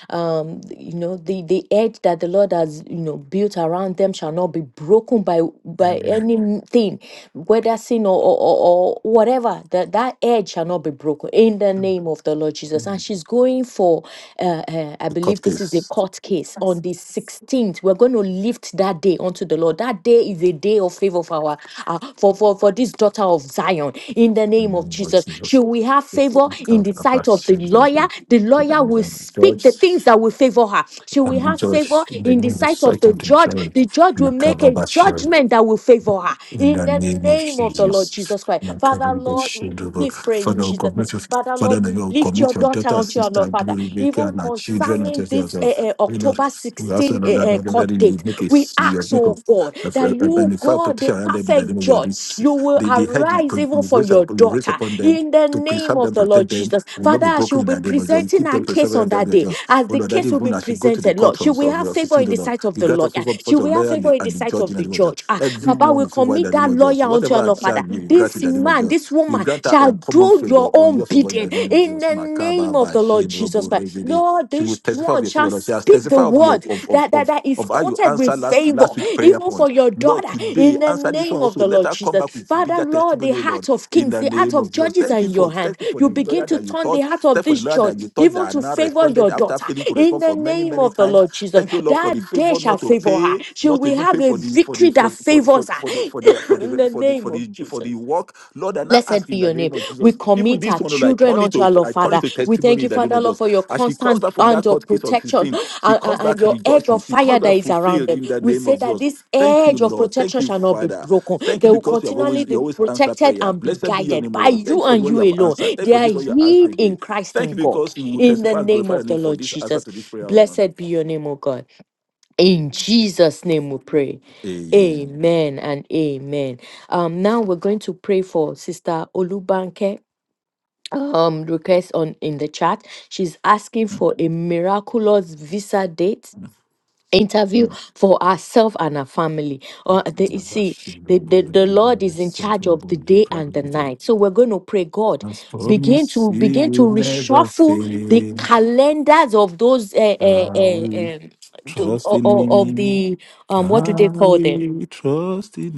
um you know the the edge that the lord has you know built around them shall not be broken by by Amen. anything whether sin or or, or, or whatever that that edge shall not be broken in the name of the lord jesus and she's going for uh, uh i Cut believe this is a case. court case on the 16th we're going to lift that day unto the lord that day is a day of favor for our uh, for for, for, for this daughter of Zion in the In the name of name of Jesus. She Jesus. will have favor in the sight of the lawyer. The lawyer will speak the Judge, things that will favor her. She will I'm have judge. favor The in name the of the sight of sight the of the judge. The judge will make a judge. judgment that will favor her In in the the name of name of the Lord Jesus. Jesus Christ. Father, Lord, Makarabashidaba. Please pray in Father, we Jesus' name. commit your, Father, Father, Lord, we we lift your commit your daughter daughter, unto your sister, Lord, Father. glory, Rebecca, Even and our children and concerning this eh, yourself. eh, We Lord, October we 16 also eh, know that eh, not that court you date, make a we you ask, make oh of God, that you, and fire God, the protection around them in the name perfect of your judge, this you will the, the head you arise even you for raise up your you raise daughter upon them in the to name preserve of them, the Lord protect them, Jesus. will not Father, be as she broken will in be the name of Jesus. You presenting keep her them preserved case on in the that name of day, Jesus. as Oh the Lord, that case will be even as you go to the presented, Lord, court she on will on have your favor sixteen, in the Lord, sight of you the grant lawyer. us favor before She the will have lawyer and favor the, in the and the sight judge of in the the name of Jesus. judge. Ah, Papa, Everyone we will favor in commit the name that of Jesus. lawyer unto Whatever your I Lord, Father charge you, you grant this in the name of man, Jesus. this You woman grant her shall uncommon do your favor, on own your favor in bidding the name of in Jesus. the Makaba name of ba the Lord shem Jesus robo Christ. regede. Lord, She will this testify of one your shall favor. Lord. She has speak the testified of your word of of that, that, of, that is of how you quoted with answered last favor, last week prayer even point. for your Lord, daughter, in today the answer this one name of also. the Let Lord her come Jesus. back with Father, bigger Lord, the testimony, oh Lord, heart of in kings, the the heart name of of Jesus. judges are Thank you in for your hand. thank you for You the begin lawyer to that you turn the touched. heart of Thank you for the this lawyer that judge, you touched that even had to now favor responded your after daughter, failing to in respond the for many name many of the times. Lord Jesus. Thank you, Lord, for the That day favor shall not to favor her. pay, She not to will even pay have a for the for the victory for that for for, favors her, for the for the for in the the for the name for of the for Jesus. the work. Lord, I now ask Blessed be in the your name. name of We Jesus. Even commit this our one, Lord, I children turn it unto to our Lord, I turn it Father. to We thank testimony you, in the name Father, of Lord, Jesus. for your As she comes constant back from hand that of court case on protection 16, she and, and- comes and back your edge rejoicing. of She fire comes that back is around fulfilled them. in the We name say of that Jesus. this Thank you, edge of Lord. Thank protection you, shall not be Father. broken. Thank you They will because you have continually always you be always answer protected prayer. and be Blessed be your guided name, O by Lord. Thank you you for and what you you have alone. answered. Thank you They for are this one you are answering hid in again. Christ Thank in you God. because you will In the testify and name glorify your of the name for Lord this answer Jesus. to this prayer. Blessed be your name, O God. In Jesus' name we pray. Amen. Amen and amen. Um, now we're going to pray for Sister Olubanke. Um, request on in the chat. She's asking for a miraculous visa date interview for ourselves and our family. Or the, you see, the, the, the Lord is in charge of the day and the night. So we're going to pray, God, As begin promised, to He begin to will never reshuffle the fail. calendars of those uh, I uh, uh, will um, the, trust o- in o- of Him. the um what do they I call them? will trust in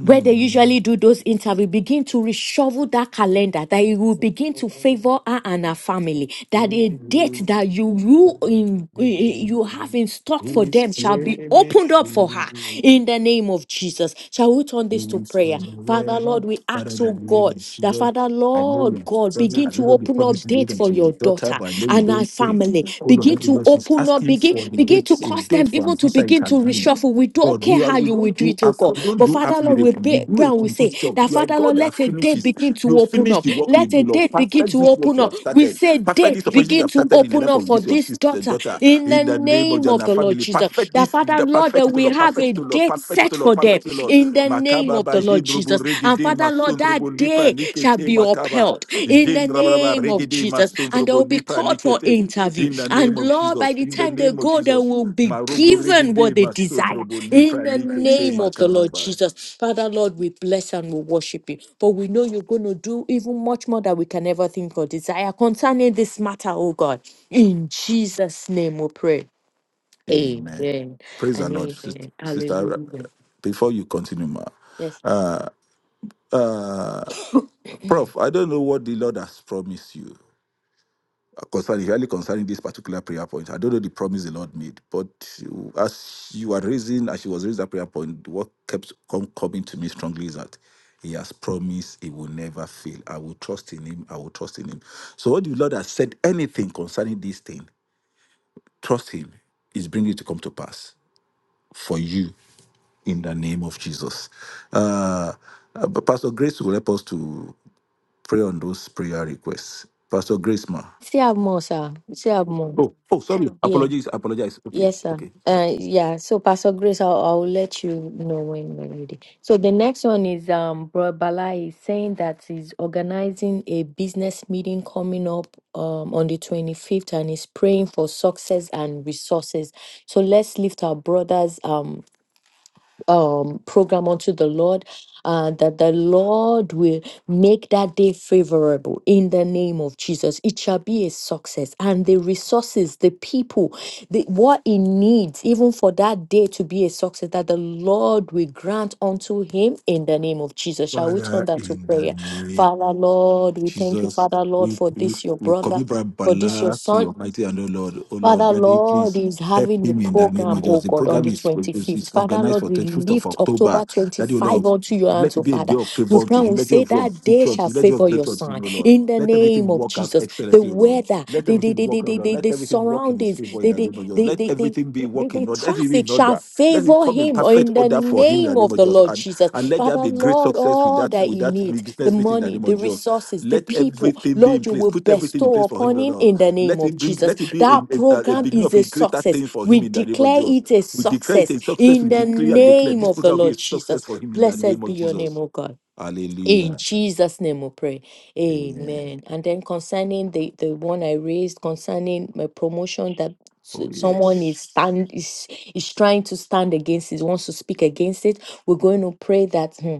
where they usually do those interviews, begin to reshuffle that calendar that it will begin to favor her and her family that He a date will that you you never in you have fail. in stock for He them shall said be opened up for her it. in the name of jesus shall we turn this to is prayer father forever. lord we Father, ask in the oh name god of that Jesus, father I know you lord are god struggling. begin I to don't know the open up promise you made date for unto your your daughter, daughter but I know you and her don't fail. family Oh Lord, begin that is to why she's open up asking begin for the begin date, to a cause them date for a even to visa begin to interview. reshuffle we don't God, care you are, how we you will don't do it do Spirit, oh half, God. you don't But do Father half Lord, we miracle. You pray, do pray a and we say complete job. that You are a Father Lord, God that let a date finishes. begin to You open finish up. the work you Let a do, Lord. date begin Perfect to this work open you up. have We started. say Perfect date this opportunity you begin have to started in the open life up of for this your this sister, daughter daughter, in the in the name of name of Jana the Lord family. Jesus. Perfect That this, Father the Lord, perfect that it, O we Lord. have Perfect a it, O Lord. date Perfect it, set O Lord. for them Perfect it, O Lord. in the name Makaba of ba the Lord jendrobo Jesus. And regede Father Lord, masondrobo that lipra day shall likete be makaba. upheld in the Jendrabraba name of regede Jesus. And they masondrobo will be lipra called for likete. interview. In the name And of Lord, by Jesus, the in the time they name of go, they Jesus. will be Marobo given regede what they desire masondrobo in lipra the likete name of the makaba Lord ba. Jesus. Father, Lord, we bless and we worship you. For we know you're going to do even much more than we can ever think or desire concerning this matter, oh God. In Jesus' name we pray. Amen. Amen Praise the and Lord, sister. amen. sister uh, Hallelujah. before you continue, ma, Yes. sir. uh, uh, Prof, I don't know what the Lord has promised you. concerning really concerning this particular prayer point. I don't know the promise the Lord made, but you- as you are raising, as she was raising that prayer point, what kept com- coming to me strongly is that He has promised He will never fail. I will trust in Him. I will trust in Him. So, what the Lord has said, anything concerning this thing, trust Him. Is bringing it to come to pass for you in the name of Jesus. Uh, uh, Pastor Grace will help us to pray on those prayer requests. Pastor Grace, ma. Still have more, sir. Still have more. Oh, oh, sorry. Yeah. Apologies, apologize. Okay, Yes, sir. okay. All right. Uh, yeah. So, Pastor Grace, I'll, I'll let you know when when ready. So the next one is um, Bro Bala is saying that he's organizing a business meeting coming up um on the twenty fifth, and he's praying for success and resources. So let's lift our brothers. Um, um, program unto the Lord, uh, that the Lord will make that day favorable in the name of Jesus. It shall be a success. And the resources, the people, the, what he needs, even for that day to be a success, that the Lord will grant unto him in the name of Jesus. Shall we turn Father, that to in the prayer? Father, name Lord, of we thank you, Jesus, Father, Lord, we, for we, this, your we brother. commit Brian For this, your Bala to son your mighty and oh Lord. Oh Lord, Father Daddy, Lord please is help having a him in the name program, of oh Jesus. The God, on program the is, is, 25th. is Father organized Lord, for we 25th of lift October October. Daddy, oh 25 Lord, onto your hands, let oh it be a Father. day of We favor pray to and him. we Let it be a say day of that day victory to shall him. Let it be a day favor of your breakthrough to him, son oh Lord. in the Let name everything of work out Jesus. The excellently, oh Lord. weather, Let the the everything the work, the, oh the, Lord. the, Let the everything work in his surroundings, favor in the the the name of Jesus. the Let the, the everything be the, working, the Lord. Let it be traffic in shall order. Let it favor come in him Oh, perfect in the order for him in the name name of of the Jesus. Lord Jesus. And let there Father, be great Lord, success with all that that with he that mi- needs the business meeting in the money, name the of Jesus. resources, the Let people, everything be in Lord, you place. will Put everything in bestow place for him, upon him Lord. in the name Let of it bring. Jesus. Let it be That a, a, a program beginning is of a a greater success. thing for We him in the name of declare Jesus. it a We declare it success a success. in We the declare and declare name this of the program will be a Lord success Jesus. for him in the Blessed name be of your name, Jesus. O God. In Hallelujah. Jesus' name we pray. Amen. Amen. And then concerning the, the one I raised concerning my promotion that s- Oh yeah. someone is stand is, is trying to stand against it, wants to speak against it. We're going to pray that hmm,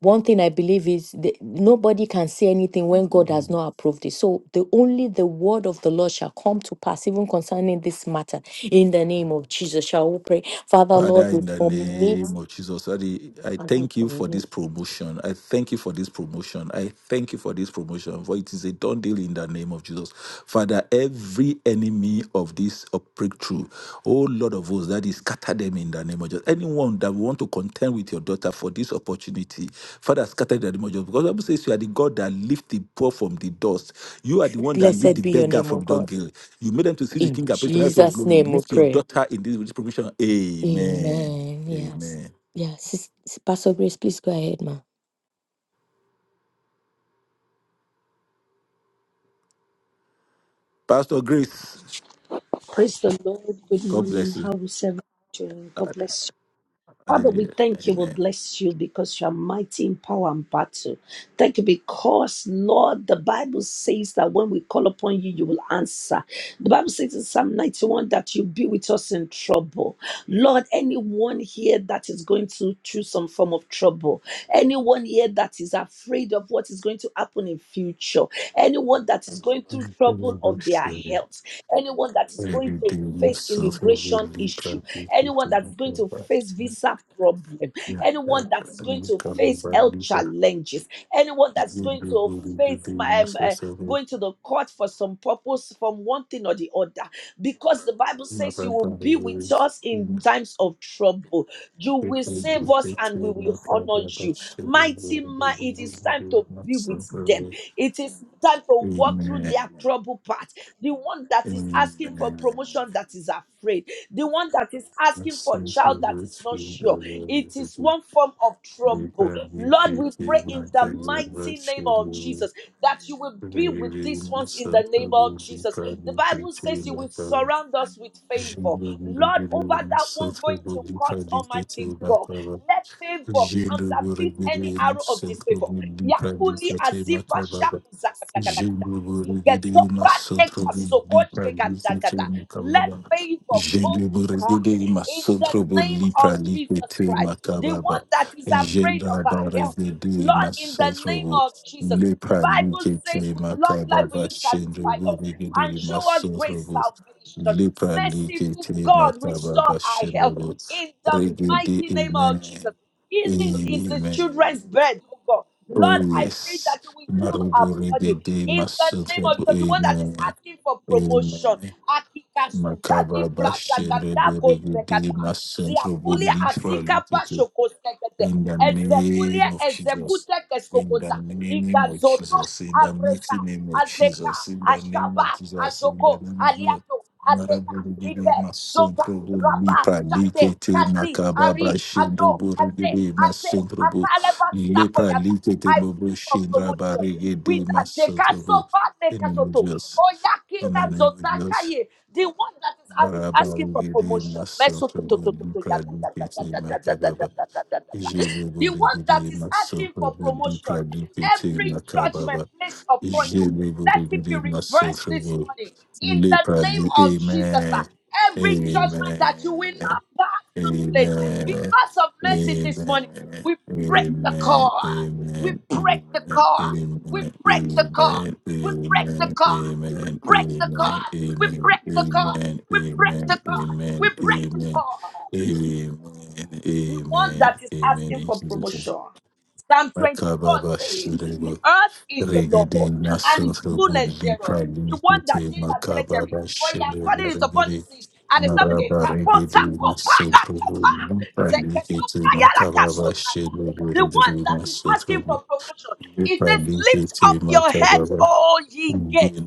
one thing I believe is that nobody can say anything when God has not approved it. So the only the word of the Lord shall come to pass, even concerning this matter. In the name of Jesus, shall we pray, Father Father, Lord, we in the commit. name of Jesus, Daddy, I Father, I thank you for commit- this promotion. I thank you for this promotion. I thank you for this promotion. For it is a done deal in the name of Jesus. Father, every enemy of this uh, breakthrough, oh Lord of hosts, that is scatter them in the name of Jesus. Anyone that want to contend with your daughter for this opportunity, Father, scatter them in the name of Jesus. Because the Bible says you are the God that lift the poor from the dust. You are the one that lift Blessed the be your beggar name, O from the God. dungeon. You made them to see the In King and praise the right of Jesus' glory. name, we Lift your pray. daughter in this with this provision. Amen. Amen. Yes. Amen. Yes. Sis- Pastor Grace, please go ahead, ma. Pastor Grace, Praise the Lord. Good God morning. bless you. How is everyone doing? God bless you. Father, we Hallelujah. thank you, we Amen. bless you because you are mighty in power and battle. Thank you because, Lord, the Bible says that when we call upon you, you will answer. The Bible says in Psalm 91 that you be with us in trouble. Lord, anyone here that is going to choose some form of trouble, anyone here that is afraid of what is going to happen in future, anyone that is going through trouble of their health, anyone that is going to face immigration issue, anyone that's going to face visa problem, anyone that is going to face health challenges, anyone that is going to face my- um, uh, going to the court for some purpose from one thing or the other, because the Bible says you will be with us in times of trouble. You will save us and we will honor you. Mighty man, it is time to be with them. It is time to walk through their Amen. trouble path the one that is asking for Amen. promotion that is afraid, the one that is asking for Myself child that ever is not to sure. the It is visible. one form of The trouble. body Lord, we fit pray is in not the another mighty name of chimney. Jesus that you will be with these Reading ones in myself the name of ever to the Jesus. The body Bible fit says is you will not another surround us with favor. chimney. Lord, over Reading that one myself going ever to to the court, body fit is Almighty not God, another. let favor Jendo bore counterfeit any bere arrow of masel disfavor. kobi Yakuni azipa shaku zakakalakata. Jeleburegede Igezoprate masantro boli kasokoshke pralikete gadagada. Let makababa. favor go with her Jeleburegede in the masantro name boli of Jesus pralikete Christ. The makababa. one that is afraid of her health, Jeleburegede Lord, in the masantro name of Jesus. boli The Bible pralikete says, with long life will makababa. you satisfy us and Jeleburegede show us great masantro salvation. boli Merciful pralikete God, restore makababa. our health in the Jeleburegede mighty name of amen. Jesus. Healing is the Amen. children's bed, oh God. Lord, Oh, I pray yes. that you will heal our Maruburi body Bede in the name Masutra. of Jesus. The one that Amen. is asking for promotion. Amen. Akikazuka Makaba ni brata Bashin kata ko Rebede sekata. Masutra Ziakulia Bulitra asika pa shoko sekete. in the Ezekulia name of Jesus. ezekute In the keskokota. name of Igazoto Jesus. In the areta. mighty name of Azeka, Jesus. In the name of Ashaba, Jesus. In the Azoko, name of Jesus. Aliato, Azeka, Maraburigidi Ike, Zopa, masontrobu Rabba, lipa Shate, likete Kazi, Ari, makababa Ado, Aze, shindruburigidi Aze, masontrobu Ataleva, lipa Sakoyada. likete I mobo pray for promotion. With shindrabarigidi a masontrobu. tekasopa, In the name of tekasoto. Jesus. In the Oyakika, name of Jesus. Zotakaye. The one that is asking for Maraburigidi promotion. Meso, to, to, masontrobu to, to, to, lipa yada, yada, yada, likete yada, yada, makababa. yada, yada, yada one that Jeneborigide is asking for masotrobo promotion, dipradipete every judgment makababa. placed upon you, let it be Jeneborigide reversed this masotrobo morning. In the name leprali- of Jesus, sir. Amen. every judgment that you will Amen. not pass Amen. this place Amen. because of mercy Amen. this morning, Amen. we Amen. break the Amen. car. We Amen. Amen. Amen. break the Amen. car. We Amen. Amen. Amen. break the car. We break the Amen. car. We break the car. We break the car. Amen. We break the car. We Amen. break the car the one Amen. that is Amen. asking In for Jesus' name. promotion. Psalm 24 says, Makababa The earth is the Regede Lord and his nasuru fullness boli thereof. prali The one that kute did that makaba military, for he has bashele founded it upon the regede seas and established it. maraba regede nasuru boli prali kute makaba bashele the regede one that is asking nasuru for promotion, boli it says, prali Lift kute up your head, makaba all ye bashele gates.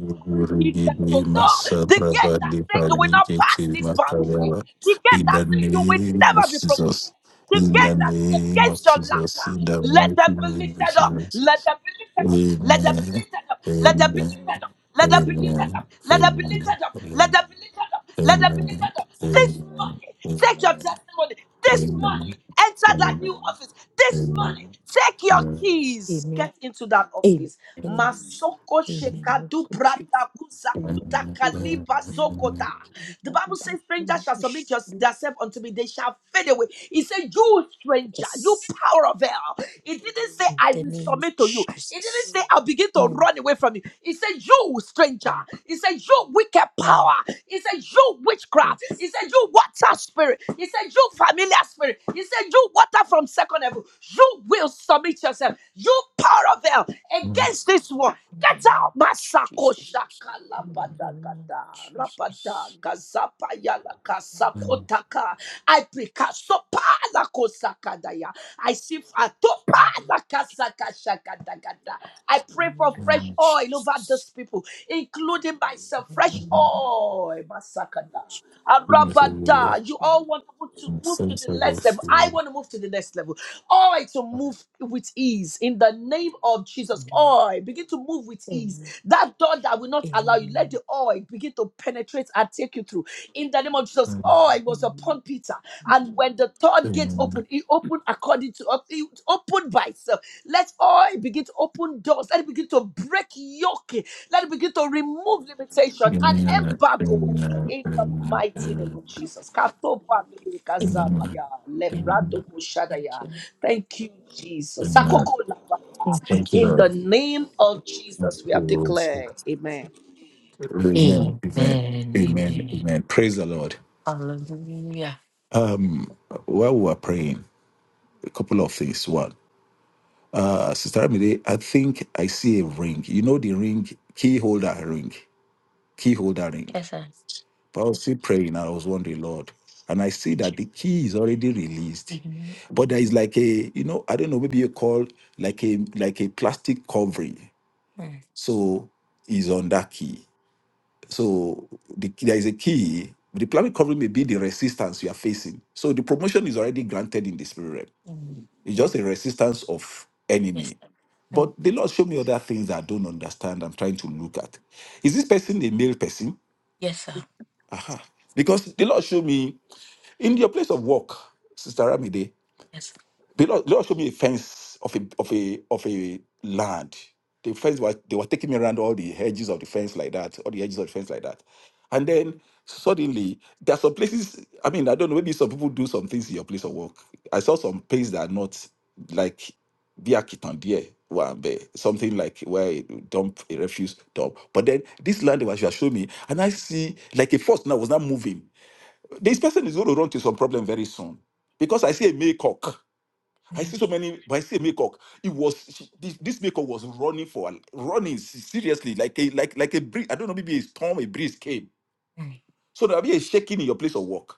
It get to regede know the masabra gate that bali says you will prali not pass kute this boundary. makaba ba- The In gate the that says you will name of never be promoted. Jesus, The in the gate that is name of against your Jesus, laughter. in the Let mighty them be name of lifted up. Jesus. Let them be lifted Amen. up. Amen. Amen. Let them Amen. be Amen. Amen. Amen. lifted up. Let them be lifted up. Let them be lifted up. Let them be lifted up. Let them be lifted up. Let them Amen. be lifted up. This month. Take your testimony. This morning, enter that new office. This Amen. morning, take your keys. Amen. Get into that office. Amen. Masoko In the name shekadu of Jesus. brada Amen. kuzakuta Amen. kaliba Yes. zokota. In The Bible says, the strangers shall submit your- themselves unto me. They shall fade away. He said, you stranger, you power of hell. It didn't say, I will name of submit to you. It didn't Jesus. say, I'll begin to Mm, run away from you. He said, you stranger stranger. mm, He said, You wicked mm. power. He said, You witchcraft. Yes. He said, You water spirit. He said, You familiar spirit. He said, You water from second level. You will submit yourself. You power of hell Amen. against this one. In the Get name of out, Masako Jesus. Shakala In the name of Padagada, Rapada, Jesus. Gazapa Yala Mm, Kasakotaka, I Pikasopa Lakosakadaya. I see Fatopa In the name of Jesus. I pray In the name of Jesus. In the for name fresh of oil over Jesus. these people, including myself. Fresh oil. Masakada. Arabada. You all want to move to the next level. I Amen. want to move to the next level. Oil to move with ease in the name of Jesus. Mm, Oil, begin to move with ease. mm, That door that will not mm, allow you, mm, let the oil begin to penetrate and take you through. In the name of Jesus, oil was upon upon Peter. And when the third gate opened, it opened according to it opened by itself. Let all begin to open doors. Let it begin to break yoke. Let it begin to remove limitation and embargo. In the mighty name of Jesus. Katobale mm. kazabaya, Amen. lebrado Thank shadaya. you. Thank you, Jesus. Sakoko labaya. Thank Thank you. In the you. name of Jesus, we have Lord. declared. Amen. Amen. Amen. Amen. Amen. Amen. Amen. Praise the Lord. Hallelujah. Um, while we were praying, a couple of things. One, uh, Sister Amide, I think I see a ring. You know the ring, key holder ring, key holder ring. Yes, sir. But I was still praying. and I was wondering, Lord, and I see that the key is already released, Amen. but there is like a, you know, I don't know, maybe you call like a like a plastic covering. Mm, So is on that key. So the, there is a key. The plan recovery may be the resistance you are facing. So the promotion is already granted in the spirit realm. mm, It's yeah. just a resistance of Yes, enemy. sir. But Mm, the Lord showed me other things that I don't understand. I'm trying to look at. Is this person a male person? Yes, sir. Aha. Because the Lord showed me in your place of work, Sister Ramide. Yes, sir. The Lord, the Lord showed me a fence of a of a of a land. The fence was they were taking me around all the hedges of the fence like that, all the edges of the fence like that. And then suddenly there are some places. I mean, I don't know, maybe some people do some things in your place of work. I saw some places that are not like via Kitandia, something like where you dump a refuse dump. But then this land was you are showing me, and I see like a force now was not moving. This person is going to run to some problem very soon because I see a maycock. I Mm, see so many, but I see a makeup. It was she, this, this makeup was running for running se- seriously, like a like like a breeze. I don't know, maybe a storm, a breeze came. mm. So there'll be a shaking in your place of work.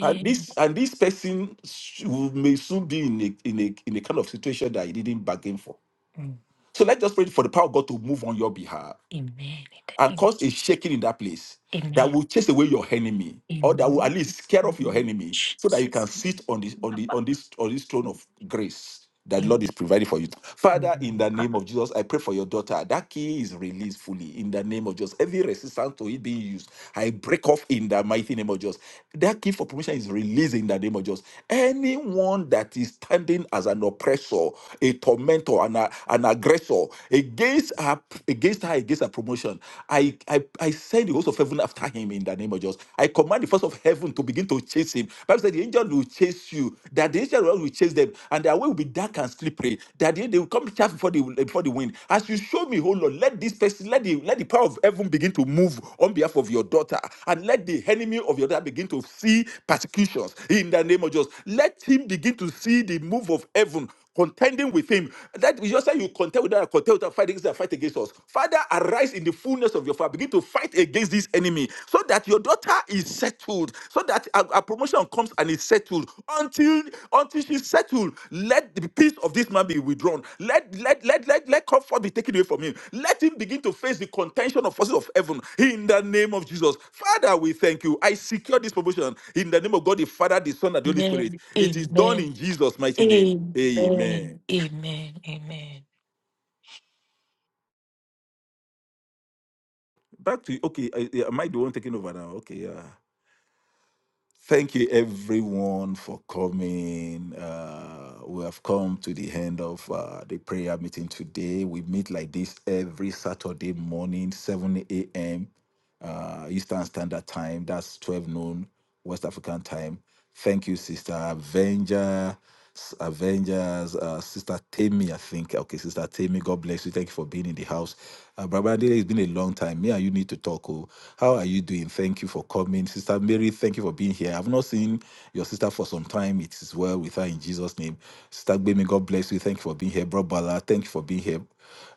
And this and this person sh- will- may soon be in a in a in a kind of situation that he didn't bargain for. Mm, So let's just pray for the power of God to move on your behalf Amen. and In cause a shaking in that place the name of Jesus. that Amen. will chase away your enemy or that will at Amen. least scare off your Amen. enemy so that you can Jesus. sit on this on the Abba. on this on this throne Mm, of grace that the Lord Amen. is providing for you. Father, in the name of Jesus, I pray for your daughter. That key is released fully in the name of Jesus. Every resistance to it being used, I break off in the mighty name of Jesus. That key for permission is released in the name of Jesus. Anyone that is standing as an oppressor, a tormentor, an, an aggressor against her against her, against her promotion. I, I, I send the host of heaven after him in the name of Jesus. I command the force of heaven to begin to chase him. Bible said the angel will chase you, that the angel of the Lord will chase them, and their way will be dark and slippery, that they, they will come chaff before the, before the wind. As you show me, oh Lord, let this person, let the, let the power of heaven begin to move on behalf of your daughter, and let the enemy of your daughter begin to see persecutions in the name of Jesus. Let him begin to see the move of heaven contending with him. That you just say you contend with them, contend with them, fight against them, fight against us. Father, arise in the fullness of your power. Begin to fight against this enemy so that your daughter is settled, so that a, a promotion comes and is settled. Until until she's settled, let the peace of this man be withdrawn. Let let let let, let comfort be taken away from him. Let him begin to face the contention of forces of heaven in the name of Jesus. Father, we thank you. I secure this promotion in the name of God, the Father, the Son, and the Holy Spirit. It is done Amen. in Jesus' mighty name. Amen. Amen. Amen. Amen. Amen. Back to okay. I, I- am I the one taking over now? Okay, yeah. Thank you everyone for coming. Uh, we have come to the end of uh, the prayer meeting today. We meet like this every Saturday morning, 7 a.m. Uh, Eastern Standard Time. That's 12 noon West African time. Thank you, Sister Avenger. S- Avengers, uh, Sister Tammy, I think. Okay, Sister Tammy, God bless you. Thank you for being in the house. Uh, Brother Adele, it's been a long time. Me and you need to talk. Oh. How are you doing? Thank you for coming. Sister Mary, thank you for being here. I've not seen your sister for some time. It is well with her in Jesus' name. Sister Gbemi, God bless you. Thank you for being here. Bro Bala, thank you for being here.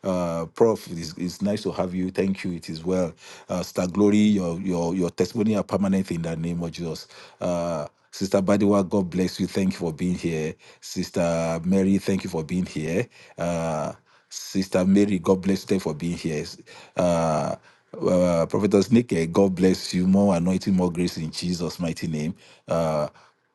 Uh, Prof, it's, it's nice to have you. Thank you. It is well. Uh, Sister Glory, your your your testimony are permanent in the name of Jesus. Uh, Sister Badiwa, God bless you. Thank you for being here. Sister Mary, thank you for being here. Uh, Sister Mary, God bless you Thank you for being here. Uh, uh, Prophetess Nick, God bless you. More anointing, more grace in Jesus' mighty name. Uh,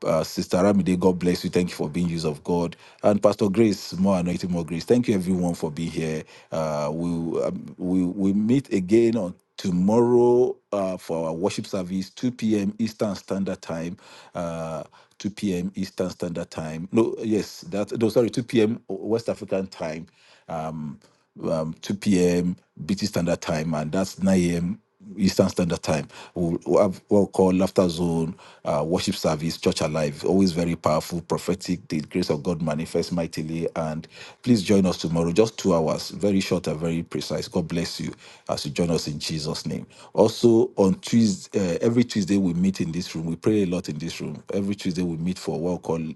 uh, Sister Ramide, God bless you. Thank you for being used of God. And Pastor Grace, more anointing, more grace. Thank you, everyone, for being here. Uh, we um, we we meet again on tomorrow uh, for our worship service, 2 p.m. Eastern Standard Time. Uh, 2 p.m. Eastern Standard Time. No, yes, that no, sorry, 2 p.m. West African time. Um, um, 2 p.m. BT Standard Time, and that's 9 a.m. Eastern Standard Time. We'll, we'll have what we call Laughter Zone, uh, Worship Service, Church Alive. Always very powerful, prophetic. The grace of God manifests mightily. And please join us tomorrow, just two hours, very short and very precise. God bless you as you join us in Jesus' name. Also, on Tuesday, uh, every Tuesday we meet in this room. We pray a lot in this room. Every Tuesday we meet for what we call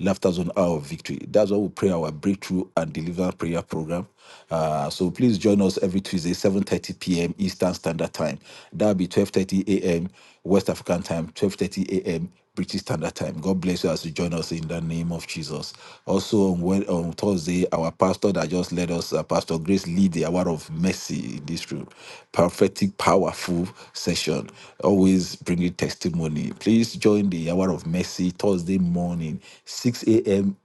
Laughter Zone Hour of Victory. That's why we pray our breakthrough and deliverance prayer program uh, so please join us every Tuesday, 7.30 p.m. Eastern Standard Time. That'll be 12.30 a.m. West African Time, 12.30 a.m. British Standard Time. God bless you as you join us in the name of Jesus. Also on, Wed- on Thursday, our pastor that just led us, uh, Pastor Grace, lead the hour of mercy in this room. Prophetic, powerful session. Always bringing testimony. Please join the hour of mercy Thursday morning, 6 a.m.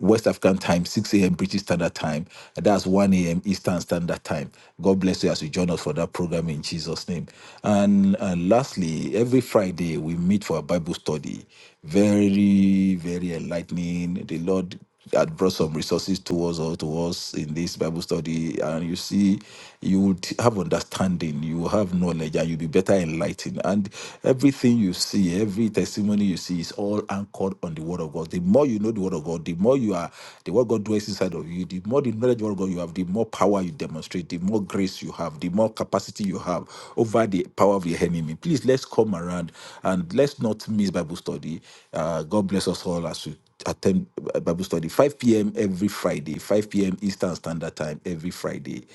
West African time, 6 a.m. British Standard Time. And That's 1 a.m. Eastern Standard Time. God bless you as you join us for that program in Jesus' name. And, and lastly, every Friday we meet for a Bible study. Very, very enlightening. The Lord had brought some resources towards or to us in this Bible study, and you see, you would have understanding, you will have knowledge, and you'll be better enlightened. And everything you see, every testimony you see, is all anchored on the Word of God. The more you know the Word of God, the more you are, the Word of God dwells inside of you. The more the knowledge of Word of God you have, the more power you demonstrate, the more grace you have, the more capacity you have over the power of the enemy. Please let's come around and let's not miss Bible study. Uh, God bless us all as we attend Bible study 5 p.m. every Friday, 5 p.m. Eastern Standard Time every Friday.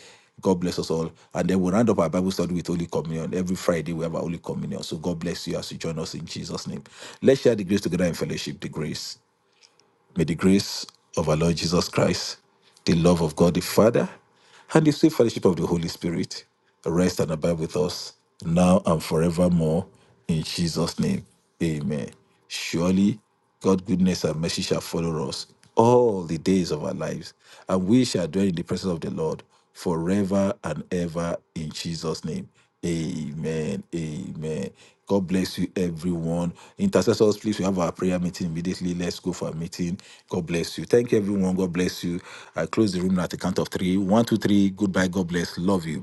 God bless us all. And then we'll round up our Bible study with Holy Communion. Every Friday, we have our Holy Communion. So God bless you as you join us in Jesus' name. Let's share the grace together in fellowship. The grace. May the grace of our Lord Jesus Christ, the love of God the Father, and the sweet fellowship of the Holy Spirit rest and abide with us now and forevermore. In Jesus' name, amen. Surely, God's goodness and mercy shall follow us all the days of our lives, and we shall dwell in the presence of the Lord forever and ever in Jesus' name. Amen. Amen. God bless you, everyone. Intercessors, please, we have our prayer meeting immediately. Let's go for a meeting. God bless you. Thank you, everyone. God bless you. I close the room at the count of three. One, two, three. Goodbye. God bless. Love you.